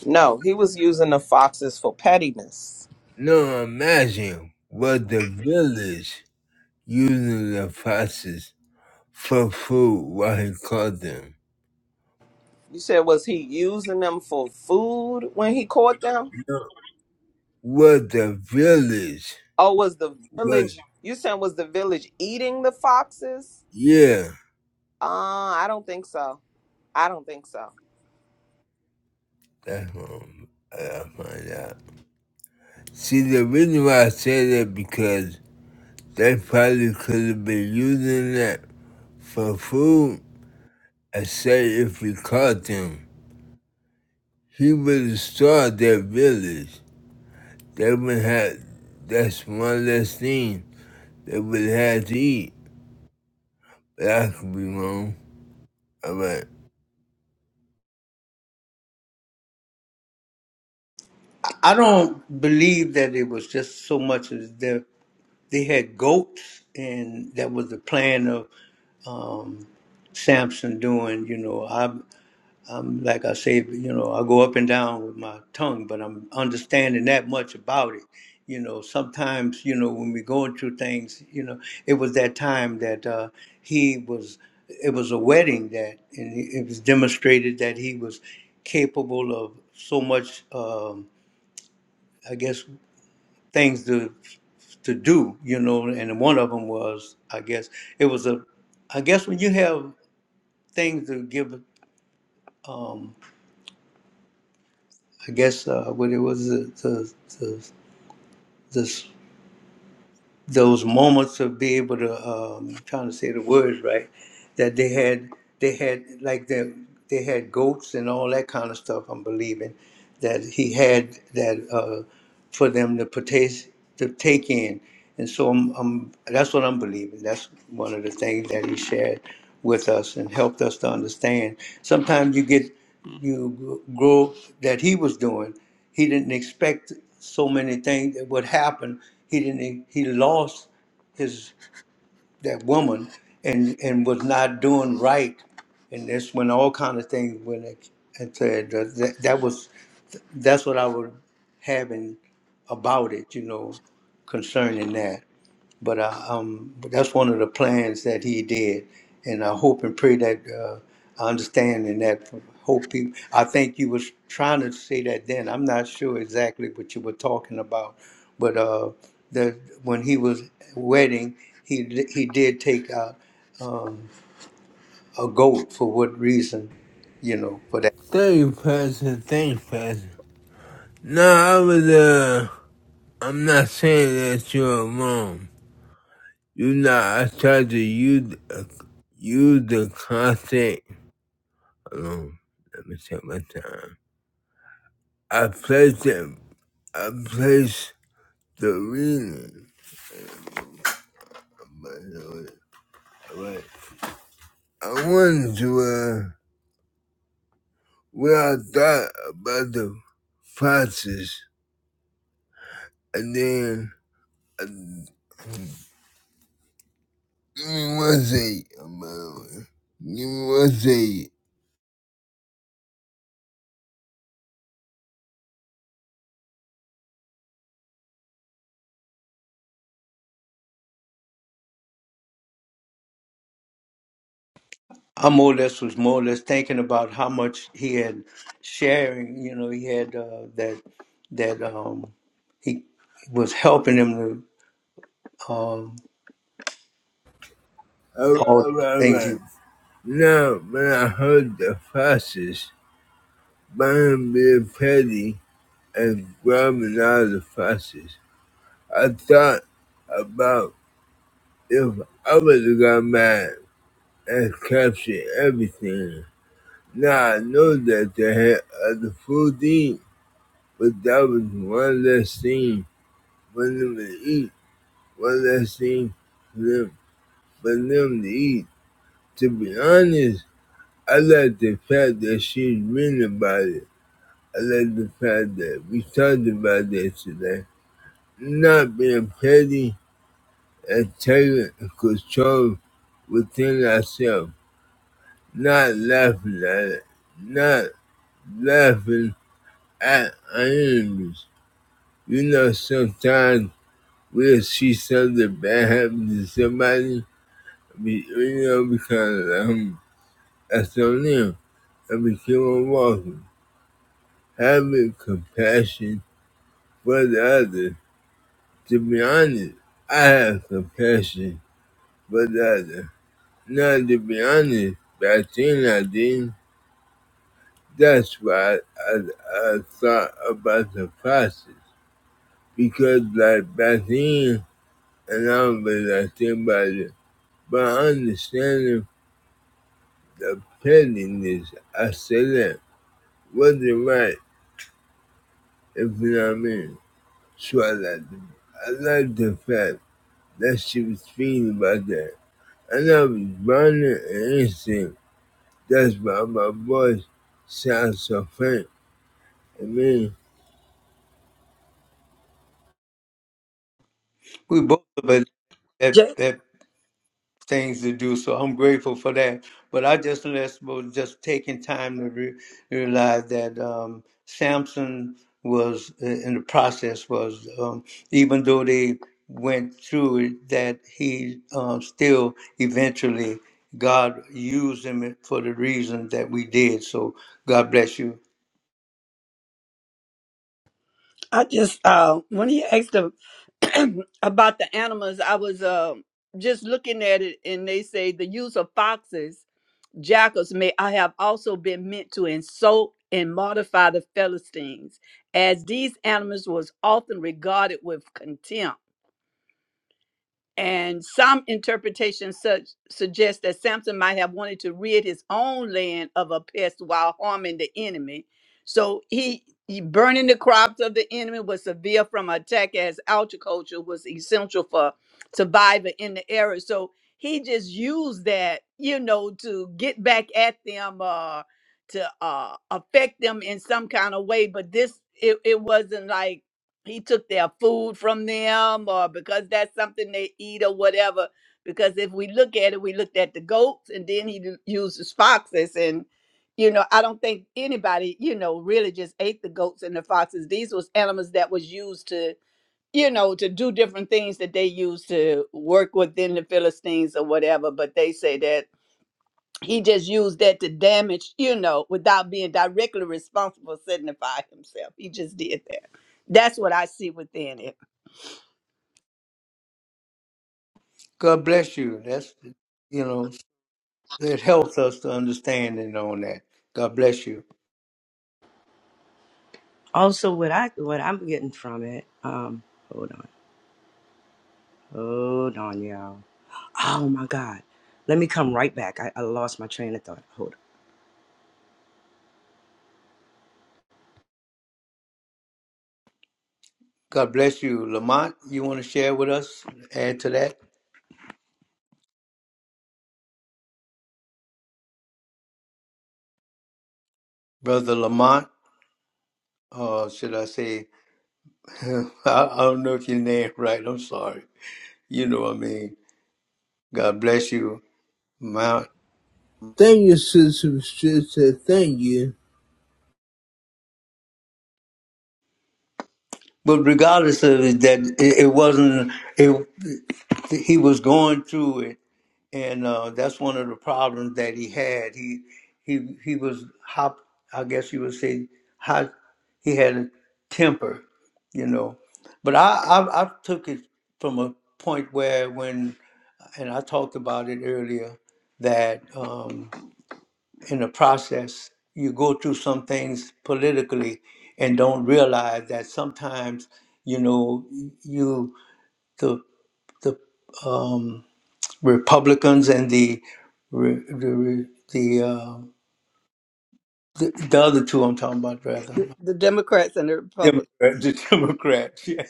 No, he was using the foxes for pettiness. Now imagine what the village using the foxes for food while he caught them. You said, was he using them for food when he caught them? What the village Or was the But village, you said, was the village eating the foxes? yeah, Uh, I don't think so. I don't think so. that's what I'm- I gotta find out. See, the reason why I say that because they probably could have been using that for food. I say if we caught them, he would have starved that village. They would have, that's one less thing they would have had to eat. That could be wrong. I bet. I don't believe that it was just so much as that they had goats, and that was the plan of um, Samson doing. You know, I. I'm like I say, you know, I go up and down with my tongue, but I'm understanding that much about it. You know, sometimes, you know, when we're going through things, you know, it was that time that uh, he was, it was a wedding that, and it was demonstrated that he was capable of so much, um, I guess, things to to do, you know, and one of them was, I guess, it was a, I guess when you have things to give. Um, I guess uh, what it was the, the, the this those moments of being able to um, I'm trying to say the words right that they had they had like they they had goats and all that kind of stuff. I'm believing that he had that uh, for them to partake to take in, and so I'm, I'm that's what I'm believing. That's one of the things that he shared with us and helped us to understand. Sometimes you get you grow that he was doing. He didn't expect so many things that would happen. He didn't. He lost his that woman and and was not doing right. And that's when all kind of things went. ex- And said that, that that was that's what I was having about it. You know, concerning that but I, um, but that's one of the plans that he did, and I hope and pray that uh, I understand and that hope you. I think you was trying to say that then. I'm not sure exactly what you were talking about, but uh, the when he was wedding, he he did take out um, a goat for what reason, you know, for that. Thank you, Pastor. Thank you, Pastor. No, I was, uh, I'm not saying that you're wrong. You know, I tried to use, uh, use the content. Hold on. Let me take my time. I placed it, I placed the reading. But, uh, I wanted to, uh, what I thought about the process. And then I Give me one second, bro. Give me one second. I more or less was more or less thinking about how much he had sharing. You know, he had uh, that that um, he was helping him to um, Alright, all the alright, things alright. he Now, when I heard the foxes, Brian being petty and grabbing all the foxes, I thought about if I would have got mad and captured everything. Now I know that they had other food to eat, but that was one less thing for them to eat, one less thing for them, for them to eat. To be honest, I like the fact that she's written about it. I like the fact that we talked about that today. Not being petty and taking control within ourselves. Not laughing at it. Not laughing at our enemies. You know, sometimes we'll see something bad happen to somebody. We, you know, we kind of like, hmm, that's on them. And we keep on walking. having compassion for the other. To be honest, I have compassion for the other. Now, to be honest, back then I didn't. That's why I, I thought about the process. Because, like, back then, and I don't really think about it, but I the pettiness. I said that wasn't right, if you know what I mean. So I like, the, I like the fact that she was feeling about that. And I was running and instinct. That's why my voice sounds so faint. I mean, we both of us that Jay, that things to do. So I'm grateful for that. But I just let's was just taking time to re- realize that um, Samson was uh, in the process was um, even though they went through it, that he um, still eventually God used him for the reason that we did. So God bless you. I just uh when he asked them [CLEARS THROAT] about the animals, I was uh, just looking at it, and they say the use of foxes, jackals may I have also been meant to insult and mortify the Philistines, as these animals was often regarded with contempt. And some interpretations such suggest that Samson might have wanted to rid his own land of a pest while harming the enemy. So he, he burning the crops of the enemy was severe from attack as agriculture was essential for survival in the area. So he just used that, you know, to get back at them, uh, to uh, affect them in some kind of way. But this, it, it wasn't like he took their food from them or because that's something they eat or whatever because if we look at it we looked at the goats and then he d- used the foxes and you know i don't think anybody you know really just ate the goats and the foxes these was animals that was used to you know to do different things that they used to work within the philistines or whatever but they say that he just used that to damage, you know, without being directly responsible, signify himself. He just did that. That's what I see within it. God bless you. That's you know it helps us to understanding on that. God bless you. Also, what I what I'm getting from it, um, hold on, hold on, y'all. Oh my God, let me come right back. I, I lost my train of thought. Hold on. God bless you. Lamont, you want to share with us, add to that? Brother Lamont, or should I say, [LAUGHS] I, I don't know if your name right. I'm sorry. You know what I mean. God bless you, Mount. thank you, Sister Patricia. Thank you. But regardless of it, that, it, it wasn't, it, he was going through it and uh, that's one of the problems that he had. He he he was hop. I guess you would say hot. He had a temper, you know. But I, I I took it from a point where when and I talked about it earlier that um, in the process you go through some things politically and don't realize that sometimes you know you the the um, Republicans and the re- the the, uh, the the other two I'm talking about rather The, the Democrats and the Republicans. Democrat, the [LAUGHS] Democrats. Yeah.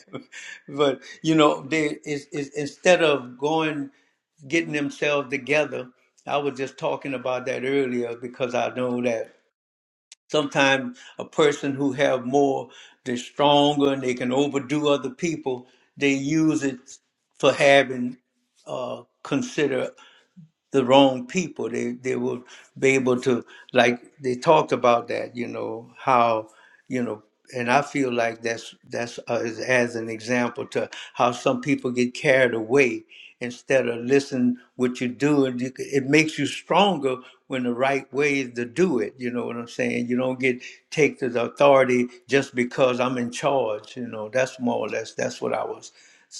But you know, they is is instead of going getting themselves together, I was just talking about that earlier because I know that sometimes a person who have more they're stronger and they can overdo other people. They use it for having uh, consider the wrong people. They they will be able to like they talked about that, you know, how you know, and I feel like that's that's uh, as, as an example to how some people get carried away instead of listen what you do and you, c- it makes you stronger when the right way is to do it you know what i'm saying you don't get take the authority just because i'm in charge you know that's more or less that's what i was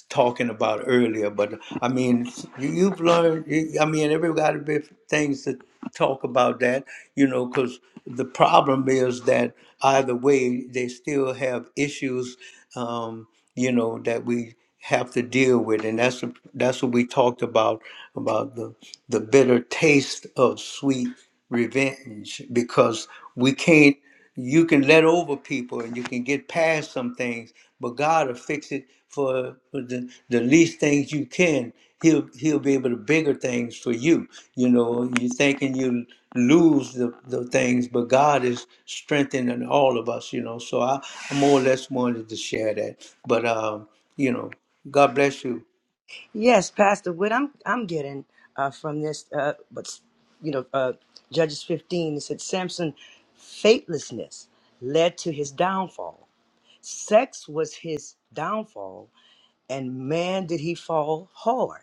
talking about earlier. But I mean, you, you've learned. You, I mean, everybody been things to talk about that, you know, because the problem is that either way, they still have issues, um, you know, that we have to deal with, and that's that's what we talked about about the the bitter taste of sweet revenge because we can't you can let over people and you can get past some things, but God will fix it for, for the, the least things you can. He'll he'll be able to bigger things for you. You know, you thinking you lose the, the things, but God is strengthening all of us, you know. So I, I more or less wanted to share that. But um, you know, God bless you. Yes, Pastor, what I'm I'm getting uh, from this, uh, but you know, uh, Judges 15, it said Samson faithlessness led to his downfall. Sex was his downfall, and man, did he fall hard.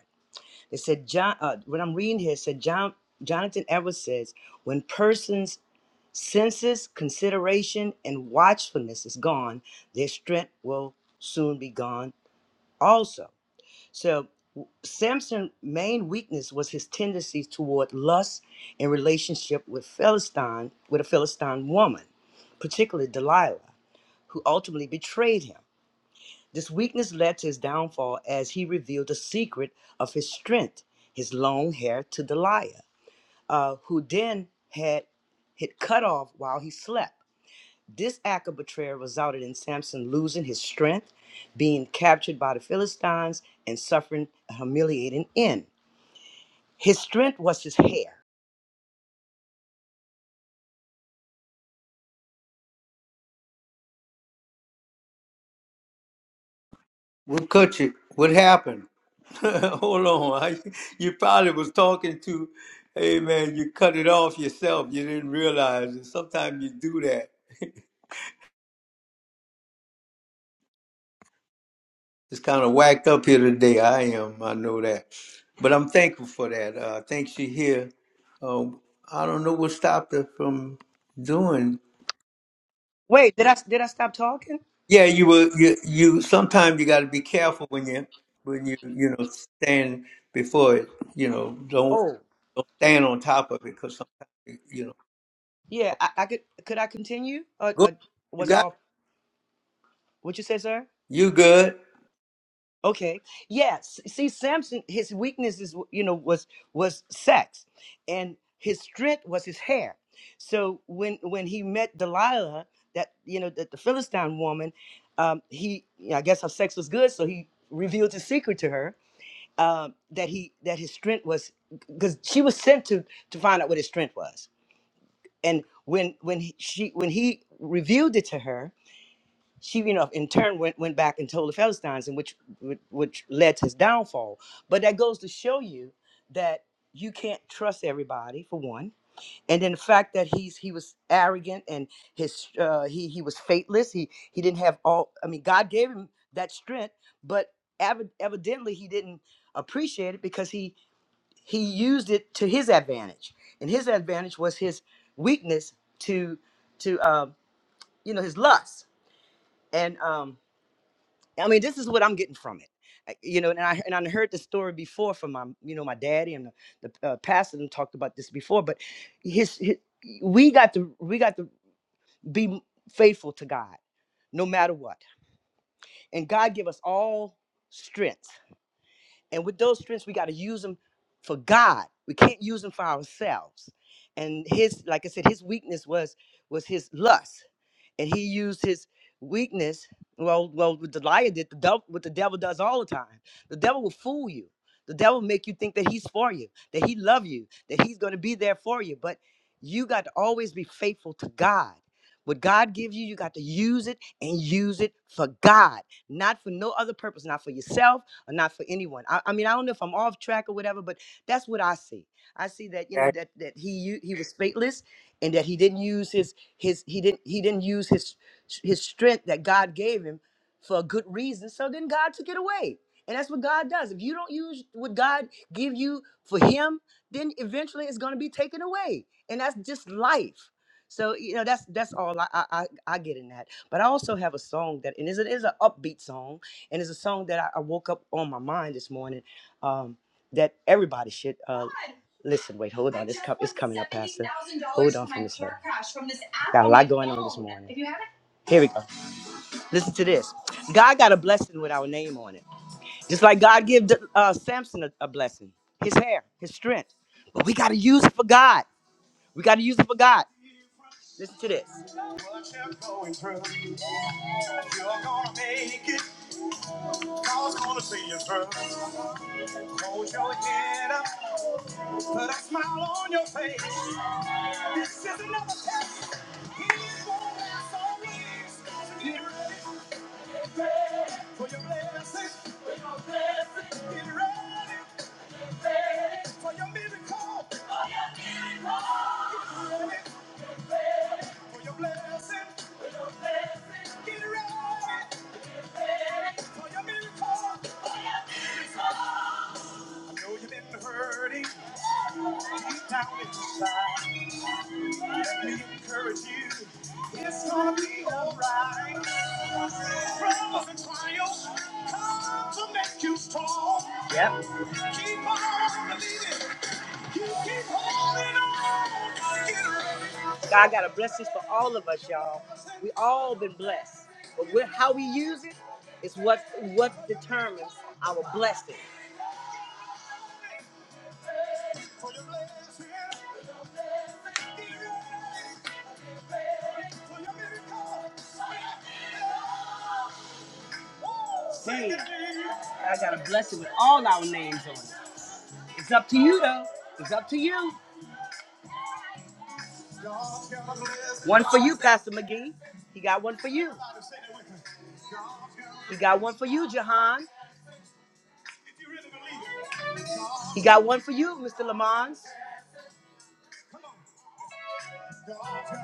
It said John. Uh, what I'm reading here said John Jonathan Edwards says when persons senses, consideration, and watchfulness is gone, their strength will soon be gone also. So w- Samson's main weakness was his tendency toward lust in relationship with Philistine, with a Philistine woman, particularly Delilah, who ultimately betrayed him. This weakness led to his downfall as he revealed the secret of his strength, his long hair, to Delilah, uh, who then had it cut off while he slept. This act of betrayal resulted in Samson losing his strength, being captured by the Philistines, and suffering a humiliating end. His strength was his hair. What cut you? What happened? [LAUGHS] Hold on. I, you probably was talking to, hey man, you cut it off yourself. You didn't realize it. Sometimes you do that. [LAUGHS] It's kind of whacked up here today. I am. I know that. But I'm thankful for that. Uh, thanks you here. Um, I don't know what stopped her from doing. Wait, did I did I stop talking? Yeah, you will. You, you sometimes you got to be careful when you when you you know stand before it. You know, don't Oh, don't stand on top of it because sometimes you know. yeah. I, I could could I continue? Or, Good, or you was got I? What you say, sir? you good. Okay. Yes. See, Samson, his weakness is, you know, was was sex, and his strength was his hair. So when when he met Delilah, that you know, that the Philistine woman, um, he, I guess, her sex was good, so he revealed his secret to her. Um, that he that his strength was because she was sent to to find out what his strength was, and when when he, she when he revealed it to her, she, you know, in turn went, went back and told the Philistines, and which which led to his downfall. But that goes to show you that you can't trust everybody for one, and then the fact that he's he was arrogant and his uh, he he was faithless. He he didn't have all. I mean, God gave him that strength, but evi- evidently he didn't appreciate it because he he used it to his advantage, and his advantage was his weakness to to um, you know his lust and. Um, I mean, this is what I'm getting from it. I- You know, and I and I heard the story before from my, you know, my daddy and the, the uh, pastor and talked about this before. But his, his, we got to we got to be faithful to God no matter what, and God give us all strength and with those strengths, we got to use them for God. We can't use them for ourselves. And his, like I said, his weakness was was his lust, and he used his weakness. Well, well, what the liar did, the devil, what the devil does all the time. The devil will fool you. The devil will make you think that he's for you, that he love you, that he's going to be there for you. But you got to always be faithful to God. What God gives you, you got to use it and use it for God, not for no other purpose, not for yourself or not for anyone. I, I mean, I don't know if I'm off track or whatever, but that's what I see. I see that you Yeah. know that that he u- he was faithless, and that he didn't use his his he didn't he didn't use his his strength that God gave him for a good reason. So then God took it away. And that's what God does. If you don't use what God give you for him, then eventually it's going to be taken away. And that's just life. So, you know, that's that's all I, I I I get in that. But I also have a song that and it's, an- it's an upbeat song and it's a song that I, I woke up on my mind this morning um, that everybody should uh, listen. Wait, hold on, it's, com- it's coming up, Pastor. Hold on for this one. Got a lot going on this morning. Here we go. Listen to this. God got a blessing with our name on it, just like God gave uh, Samson a, a blessing, his hair, his strength. But we got to use it for God. We got to use it for God. Listen to this. What you're going through, you're gonna make it. God's gonna see you through. Hold your head up, put a smile on your face. This is another test. He's gonna ask all these. Get ready for your blessing. For your blessing. Get ready. Ready for your miracle. Miracle. Get ready for your blessing. For your blessing. Get ready for your miracle. know you've been hurting deep down inside. Let me encourage you. It's gonna be alright. Troubles and trials come to make you strong. Yep. Keep on believing. You keep holding on. God got a blessing for all of us, y'all. We all been blessed, but we how we use it is what what determines our blessing. Dang. I gotta bless it with all our names on it. It's up to you though. It's up to you. One for you, Pastor McGee. He got one for you. He got one for you, Jahan. He got one for you, Mr. Lamont.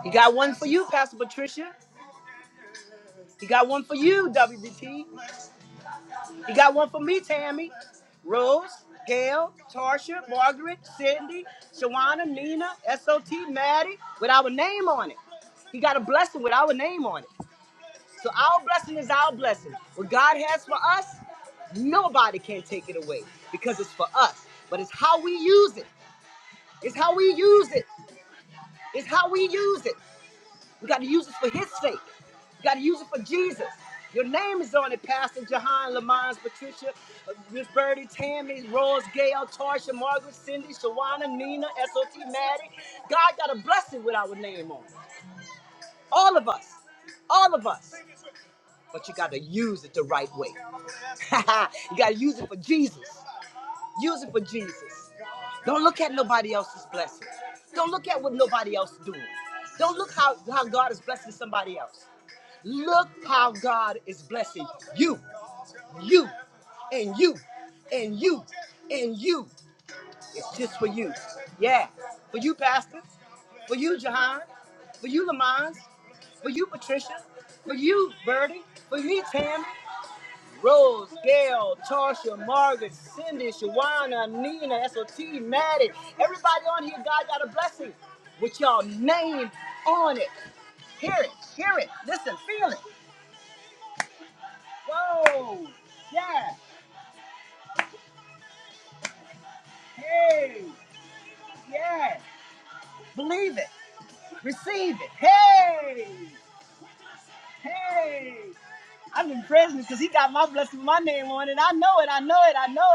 He got one for you, Pastor Patricia. He got one for you, WBT. You got one for me, Tammy. Rose, Gail, Tarsha, Margaret, Cindy, Shawana, Nina, SOT, Maddie, with our name on it. He got a blessing with our name on it. So our blessing is our blessing. What God has for us, nobody can take it away because it's for us. But it's how we use it. It's how we use it. It's how we use it. We got to use this for his sake. We got to use it for Jesus. Your name is on it, Pastor Jahan, Lamons, Patricia, uh, Miss Birdie, Tammy, Rose, Gail, Tarsha, Margaret, Cindy, Shawana, Nina, SOT, Maddie. God got a blessing with our name on it. All of us. All of us. But you got to use it the right way. [LAUGHS] you got to use it for Jesus. Use it for Jesus. Don't look at nobody else's blessings. Don't look at what nobody else is doing. Don't look how, how God is blessing somebody else. Look how God is blessing you, you, and you, and you, and you. It's just for you. Yeah. For you, Pastor. For you, Jahan. For you, Lamont. For you, Patricia. For you, Birdie. For you, Tam. Rose, Gail, Tarsha, Margaret, Cindy, Shawana, Nina, SOT, Maddie. Everybody on here, God got a blessing with y'all name on it. Hear it, hear it, listen, feel it. Whoa, yeah, hey, yeah. Believe it, receive it. Hey, hey. I'm in presence because he got my blessing with my name on it. I know it, I know it, I know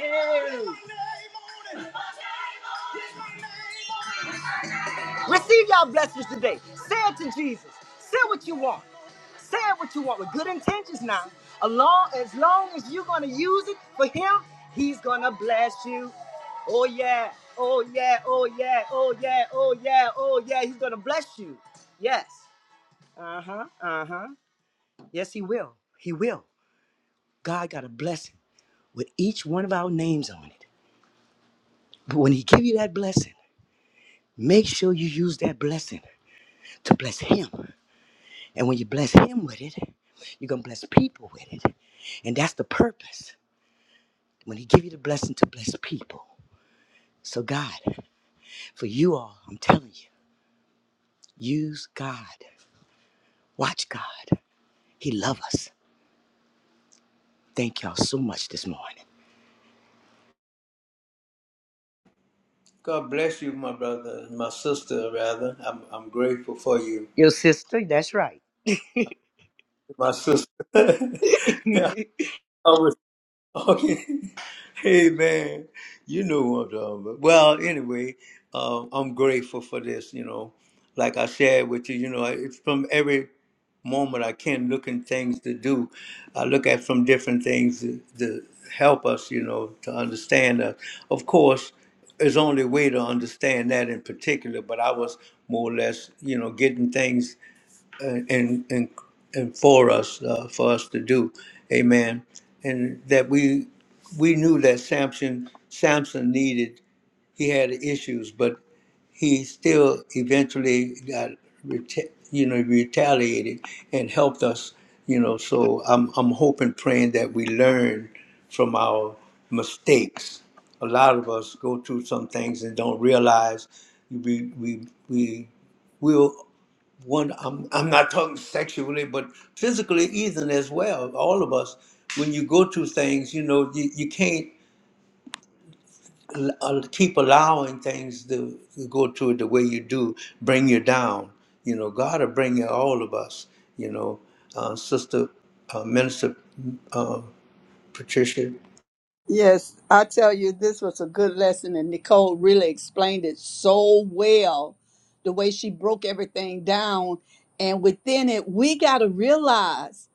it. Hey. Receive y'all blessings today. Say it to Jesus. Say what you want. Say it what you want with good intentions now. Along, as long as you're going to use it for Him, He's going to bless you. Oh, yeah. Oh, yeah. Oh, yeah. Oh, yeah. Oh, yeah. Oh, yeah. He's going to bless you. Yes. Uh huh. Uh huh. Yes, He will. He will. God got a blessing with each one of our names on it. But when He give you that blessing, make sure you use that blessing to bless Him. And when you bless him with it, you're going to bless people with it. And that's the purpose. When he give you the blessing to bless people. So God, for you all, I'm telling you, use God. Watch God. He love us. Thank y'all so much this morning. God bless you, my brother, my sister. Rather, I'm I'm grateful for you, Your sister, that's right. my sister. [LAUGHS] [LAUGHS] I Okay. [LAUGHS] Hey man, you know what I'm talking about. Well, anyway, um, I'm grateful for this. You know, like I shared with you, you know, it's from every moment I can looking things to do. I look at from different things to, to help us, you know, to understand us. Of course, there's only way to understand that in particular, but I was more or less, you know, getting things and and and for us uh, for us to do amen and that we we knew that samson samson needed he had issues but he still eventually got reta- you know retaliated and helped us you know so i'm i'm hoping praying that we learn from our mistakes a lot of us go through some things and don't realize we we we will one I'm, I'm not talking sexually but physically even as well all of us when you go through things you know you, you can't al- al- keep allowing things to to go to it the way you do bring you down you know god will bring you all of us you know uh, sister uh, minister uh, patricia Yes, I tell you, this was a good lesson, and Nicole really explained it so well the way she broke everything down. And within it, we got to realize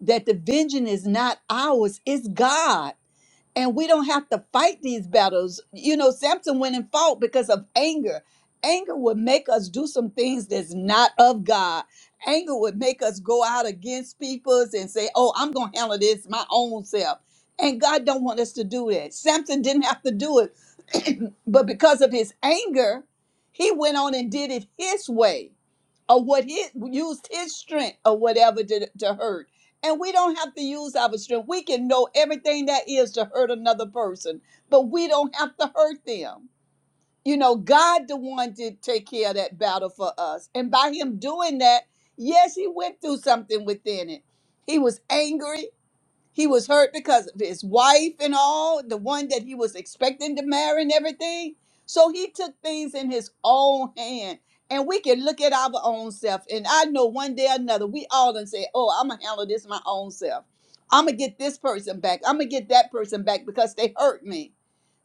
that the vengeance is not ours, it's God and we don't have to fight these battles. You know, Samson went and fought because of anger. Anger would make us do some things that's not of God. Anger would make us go out against peoples and say, "Oh, I'm going to handle this my own self." And God don't want us to do that. Samson didn't have to do it, [CLEARS THROAT] but because of his anger, he went on and did it his way or what he used his strength or whatever to, to hurt. And we don't have to use our strength. We can know everything that is to hurt another person, but we don't have to hurt them. You know, God the one did take care of that battle for us. And by him doing that, yes, he went through something within it. He was angry he was hurt because of his wife and all, the one that he was expecting to marry and everything. So he took things in his own hand. And we can look at our own self. And I know one day or another, we all done say, Oh, I'm going to handle this my own self. I'm going to get this person back. I'm going to get that person back because they hurt me.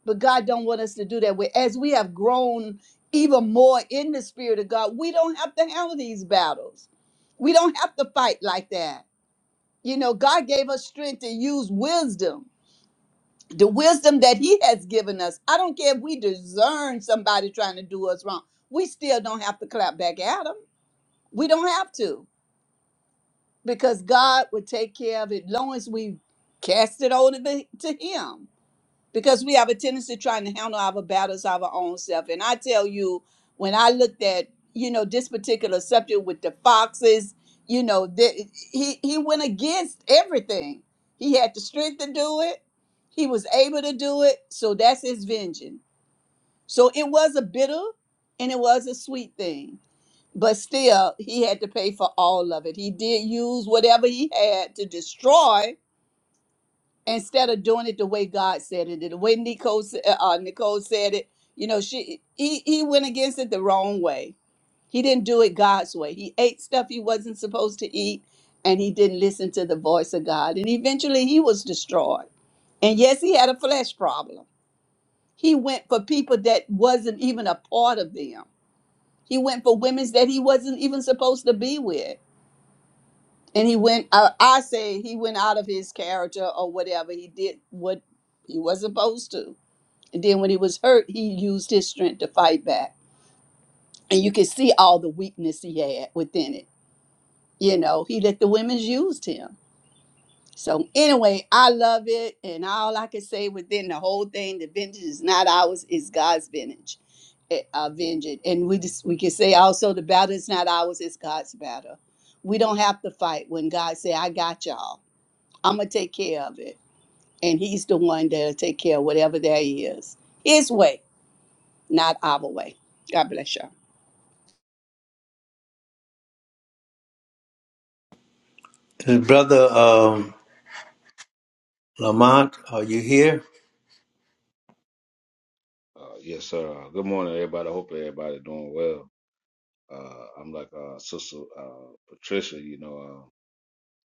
But God don't want us to do that. We- As we have grown even more in the spirit of God, we don't have to handle these battles. We don't have to fight like that you know, God gave us strength to use wisdom, the wisdom that He has given us. I don't care if we discern somebody trying to do us wrong, we still don't have to clap back at them. We don't have to because God would take care of it long as we cast it over to to Him because we have a tendency trying to handle our battles our own self. And I tell you, when I looked at you know this particular subject with the foxes, you know that he he went against everything. He had the strength to do it. He was able to do it. So that's his vengeance. So it was a bitter and it was a sweet thing. But still, he had to pay for all of it. He did use whatever he had to destroy instead of doing it the way God said it, the way Nicole s- uh, uh, Nicole said it, you know, she he he went against it the wrong way. He didn't do it God's way. He ate stuff he wasn't supposed to eat, and he didn't listen to the voice of God. And eventually, he was destroyed. And yes, he had a flesh problem. He went for people that wasn't even a part of them. He went for women that he wasn't even supposed to be with. And he went. Uh, I, I say he went out of his character or whatever. He did what he was supposed to And then when he was hurt, he used his strength to fight back. And you could see all the weakness he had within it. You know, he let the women use him. So anyway, I love it. And all I can say within the whole thing, the vengeance is not ours, it's God's vengeance. eh, Uh, vengeance. And we just we can say also the battle is not ours, it's God's battle. We don't have to fight when God say, I got y'all. I'm gonna take care of it. And he's the one that'll take care of whatever there is. His way, not our way. God bless y'all. and brother um, lamont are you here Uh, yes, sir. Good morning, everybody. Hope everybody doing well. Uh, I'm like uh, Sister uh, Patricia. You know, uh,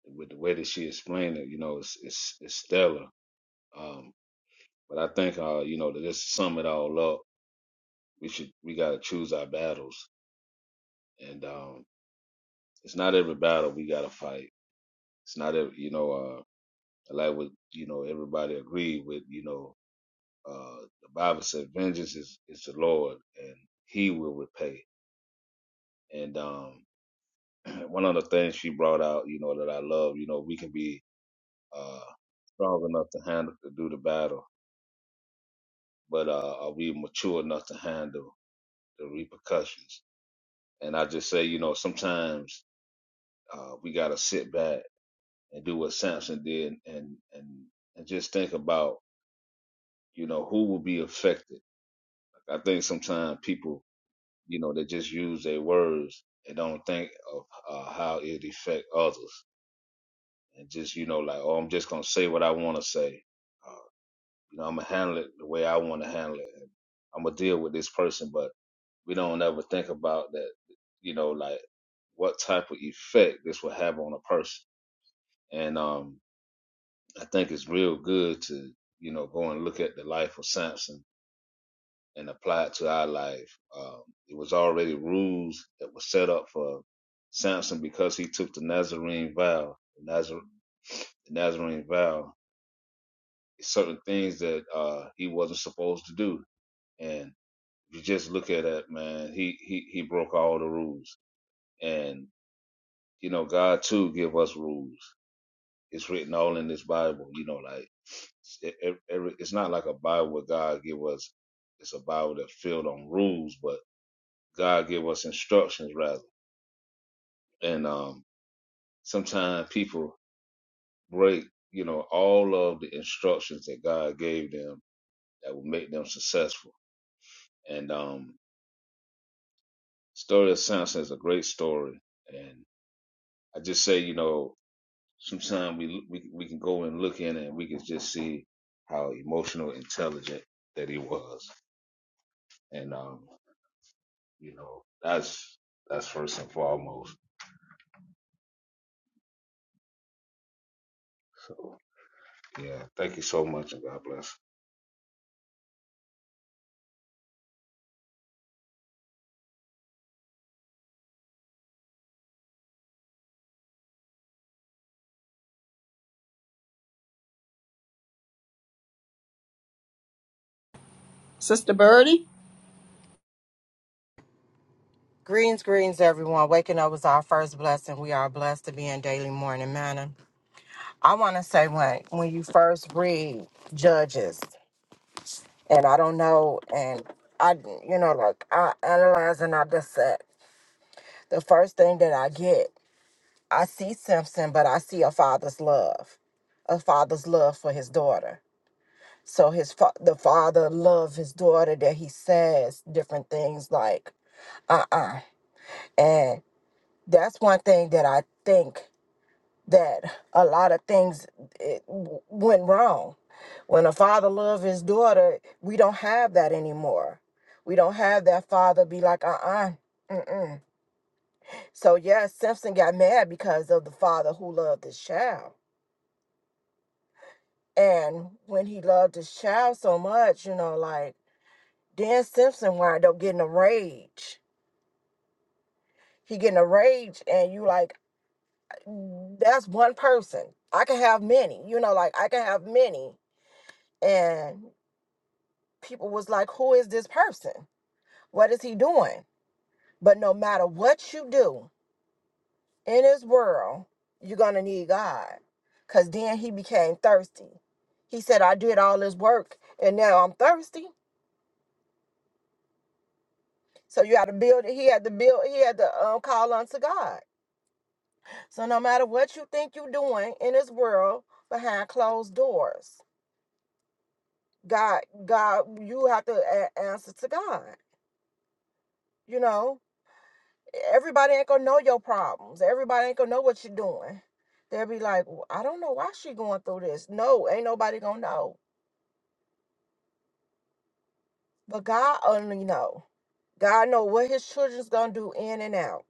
with the way that she explained it, you know, it's it's, it's stellar. Um, but I think, uh, you know, to just sum it all up, we should we got to choose our battles, and um, it's not every battle we got to fight. It's not every, you know, uh, like what you know everybody agreed with. You know, uh, the Bible said, "Vengeance is is the Lord, and He will repay." And um, [CLEARS THROAT] one of the things she brought out, you know, that I love, you know, we can be uh, strong enough to handle to do the battle, but uh, are we mature enough to handle the repercussions? And I just say, you know, sometimes uh, we got to sit back and do what Samson did, and and and just think about, you know, who will be affected. I think sometimes people, you know, they just use their words and don't think of uh, how it affect others, and just you know, like, oh, I'm just gonna say what I want to say uh, You know, I'm gonna handle it the way I want to handle it. I'm gonna deal with this person, but we don't ever think about that. You know, like what type of effect this will have on a person. And um, I think it's real good to you know go and look at the life of Samson and apply it to our life. Um, it was already rules that were set up for Samson because he took the Nazarene vow. The, Nazar- the Nazarene vow. It's certain things that uh, he wasn't supposed to do, and you just look at that man. He he he broke all the rules, and you know God too give us rules. It's written all in this Bible. You know, like e- e- every, it's not like a Bible where God give us. It's a Bible that filled on rules, but God give us instructions rather. And um, sometimes people break, you know, all of the instructions that God gave them that will make them successful. And um, story of Samson is a great story, and I just say, you know, Sometimes we, we we can go and look in it and we can just see how emotional intelligent that he was, and um, you know, that's that's first and foremost. So yeah, thank you so much, and God bless. Sister Birdie, Greens, greens, everyone. Waking up was our first blessing. We are blessed to be in daily morning manna. I want to say when when you first read Judges, and I don't know, and I, you know, like I analyze and I dissect. The first thing that I get, I see Simpson, but I see a father's love, a father's love for his daughter. So his fa- the father loved his daughter that he says different things like, uh uh and that's one thing that I think. that a lot of things it w- went wrong. When a father loved his daughter, we don't have that anymore. We don't have that father be like, uh uh mm-mm. So, yes, Simpson got mad because of the father who loved his child. And when he loved his child so much, you know, like, Dan Simpson wind up getting a rage. He getting a rage, and you like, that's one person. I can have many, you know, like, I can have many. and. people was like, Who is this person? What is he doing? But no matter what you do in this world, you're gonna need God. Cause then he became thirsty. He said, I did all this work and now I'm thirsty. So you had to build it. He had to build, he had to um, call unto God. So no matter what you think you're doing in this world behind closed doors, God, God, you have to a- answer to God, you know? everybody ain't gonna know your problems. Everybody ain't gonna know what you're doing. They'll be like, "Well, I don't know why she going through this. No, ain't nobody gonna know. But God only know. God know what his children's gonna do in and out.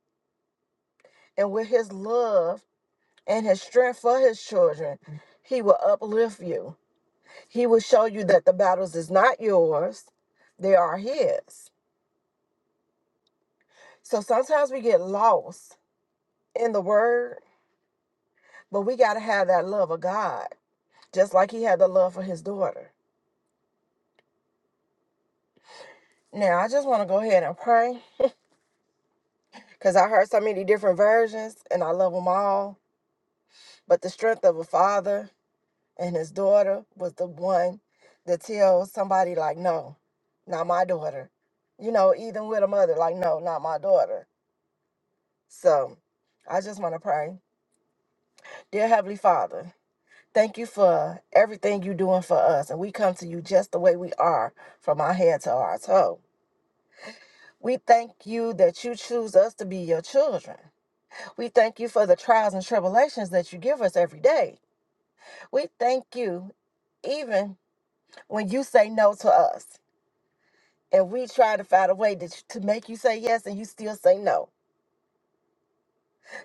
And with his love and his strength for his children, he will uplift you. He will show you that the battles is not yours, they are his. So sometimes we get lost in the word, but we gotta have that love of God, just like he had the love for his daughter Now, I just want to go ahead and pray because I heard so many different versions and I love them all. But the strength of a father and his daughter was the one that tells somebody, like, no, not my daughter. You know, even with a mother, like, no, not my daughter. So I just want to pray. Dear Heavenly Father, thank you for everything you're doing for us. And we come to you just the way we are, from our head to our toe. We thank you that you choose us to be your children. We thank you for the trials and tribulations that you give us every day. We thank you even when you say no to us and we try to find a way to, to make you say yes and you still say no.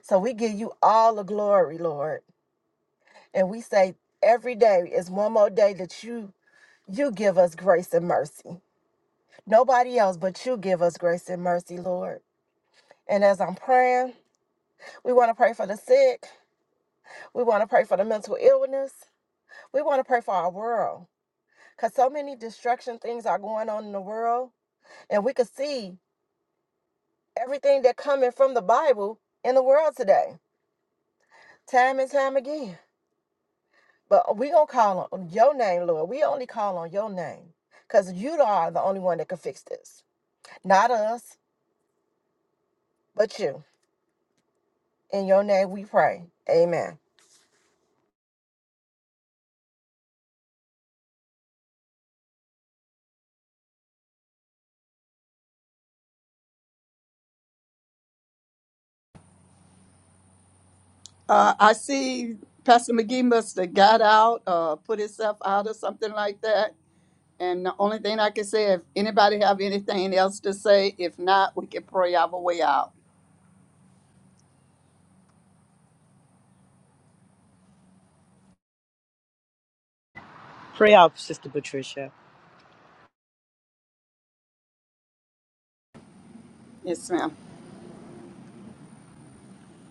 So we give you all the glory, Lord. And we say every day is one more day that you you give us grace and mercy. Nobody else but you give us grace and mercy, Lord. And as I'm praying, we want to pray for the sick. We want to pray for the mental illness. We want to pray for our world. because so many destruction things are going on in the world and we could see everything that coming from the bible in the world today time and time again but we gonna call on your name lord we only call on your name because you are the only one that can fix this not us but you in your name we pray amen uh, I see Pastor McGee must have got out, uh, put himself out or something like that. And the only thing I can say, if anybody have anything else to say, if not, we can pray our way out. Pray out, Sister Patricia. Yes, ma'am.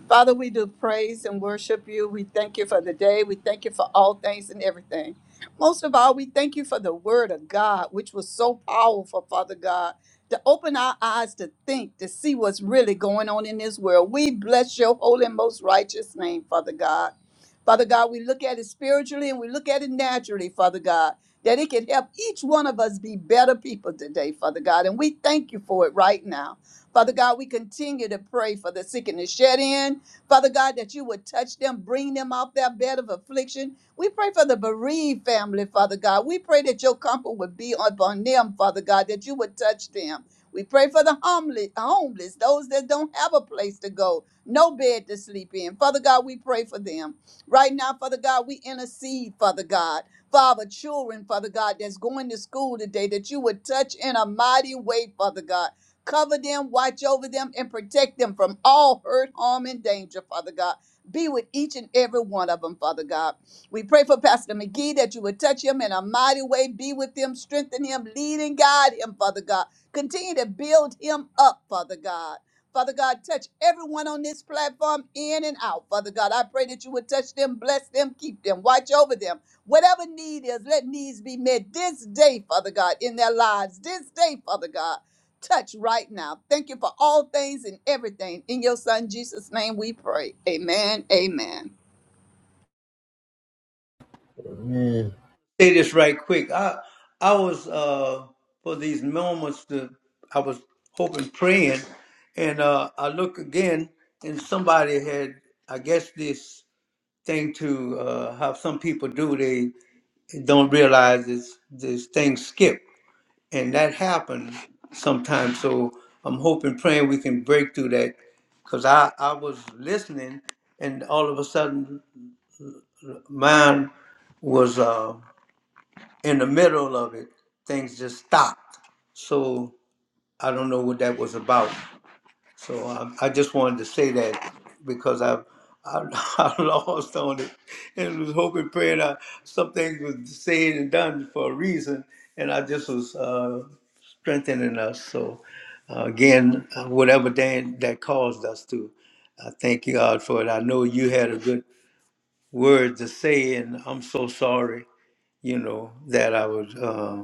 Father, we do praise and worship you. We thank you for the day. We thank you for all things and everything. Most of all, we thank you for the word of God, which was so powerful, Father God, to open our eyes to think, to see what's really going on in this world. We bless your holy and most righteous name, Father God. Father God, we look at it spiritually and we look at it naturally, Father God, that it can help each one of us be better people today, Father God. And we thank you for it right now. Father God, we continue to pray for the sick and the shed in. Father God, that you would touch them, bring them off their bed of affliction. We pray for the bereaved family, Father God. We pray that your comfort would be upon them, Father God, that you would touch them. We pray for the homeless, homeless, those that don't have a place to go, no bed to sleep in. Father God, we pray for them. Right now, Father God, we intercede, Father God. Father, children, Father God, that's going to school today, that you would touch in a mighty way, Father God. Cover them, watch over them, and protect them from all hurt, harm, and danger, Father God. Be with each and every one of them, Father God. We pray for Pastor McGee that you would touch him in a mighty way. Be with him, strengthen him, lead and guide him, Father God. Continue to build him up, Father God. Father God, touch everyone on this platform in and out. Father God, I pray that you would touch them, bless them, keep them, watch over them. Whatever need is, let needs be met this day, Father God, in their lives. This day, Father God, touch right now. Thank you for all things and everything. In your Son, Jesus' name, we pray. Amen. Amen. Man. say this right quick. I I was uh for these moments to I was hoping praying and uh I look again and somebody had I guess this thing to uh how some people do they don't realize this this thing skip and that happened sometimes so I'm hoping praying we can break through that because I I was listening and all of a sudden mine was uh in the middle of it, things just stopped. So I don't know what that was about. So I, I just wanted to say that because I, I, [LAUGHS] I lost on it and was hoping, praying I, some things was said and done for a reason, and I just was uh, strengthening us. So uh, again, uh, whatever that, that caused us to, I thank you, God for it. I know you had a good word to say, and I'm so sorry, you know, that I was. uh,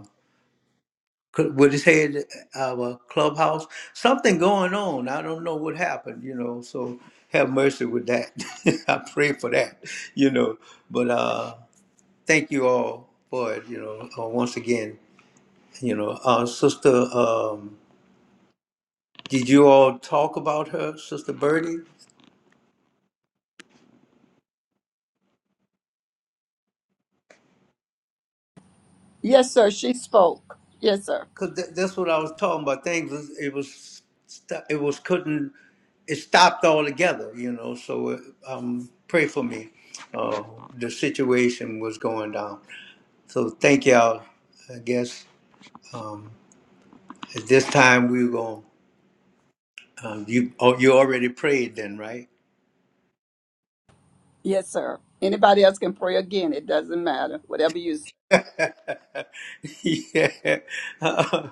cl- with his head out of a clubhouse. Something going on. I don't know what happened, you know. So have mercy with that. [LAUGHS] I pray for that, you know. But uh, thank you all for it, you know. Uh, once again, you know, uh, sister. Um, did you all talk about her, Sister Birdie? Yes, sir. She spoke. Yes, sir. Cause th- that's what I was talking about. Things was, it was st- it was couldn't it stopped altogether, you know. So it, um, pray for me. Uh, the situation was going down. So thank y'all. I guess um, at this time we were going. Um, you oh, you already prayed then, right? Yes, sir. Anybody else can pray again. It doesn't matter. Whatever you [LAUGHS] Yeah. [LAUGHS]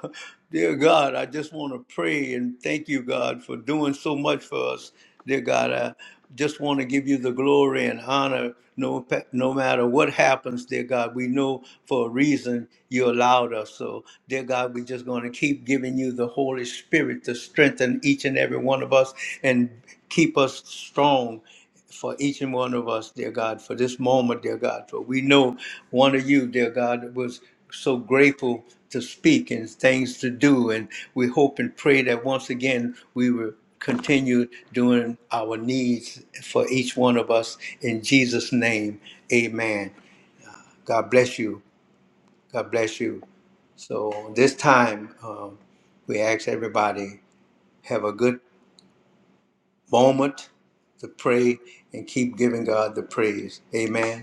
dear God, I just want to pray and thank you, God, for doing so much for us. Dear God, I just want to give you the glory and honor no, pa- no matter what happens, dear God. We know for a reason you allowed us. So, dear God, we're just going to keep giving you the Holy Spirit to strengthen each and every one of us and keep us strong for each and one of us, dear God, for this moment, dear God, for we know one of you, dear God, was so grateful to speak and things to do. And we hope and pray that once again we will continue doing our needs for each one of us in Jesus' name. Amen. God bless you. God bless you. So this time, um, we ask everybody have a good moment to pray and keep giving God the praise. Amen.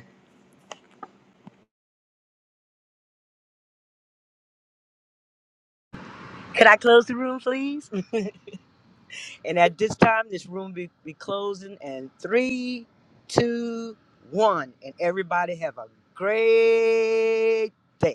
Can I close the room, please? And at this time, this room be, be closing. And three, two, one. And everybody have a great day.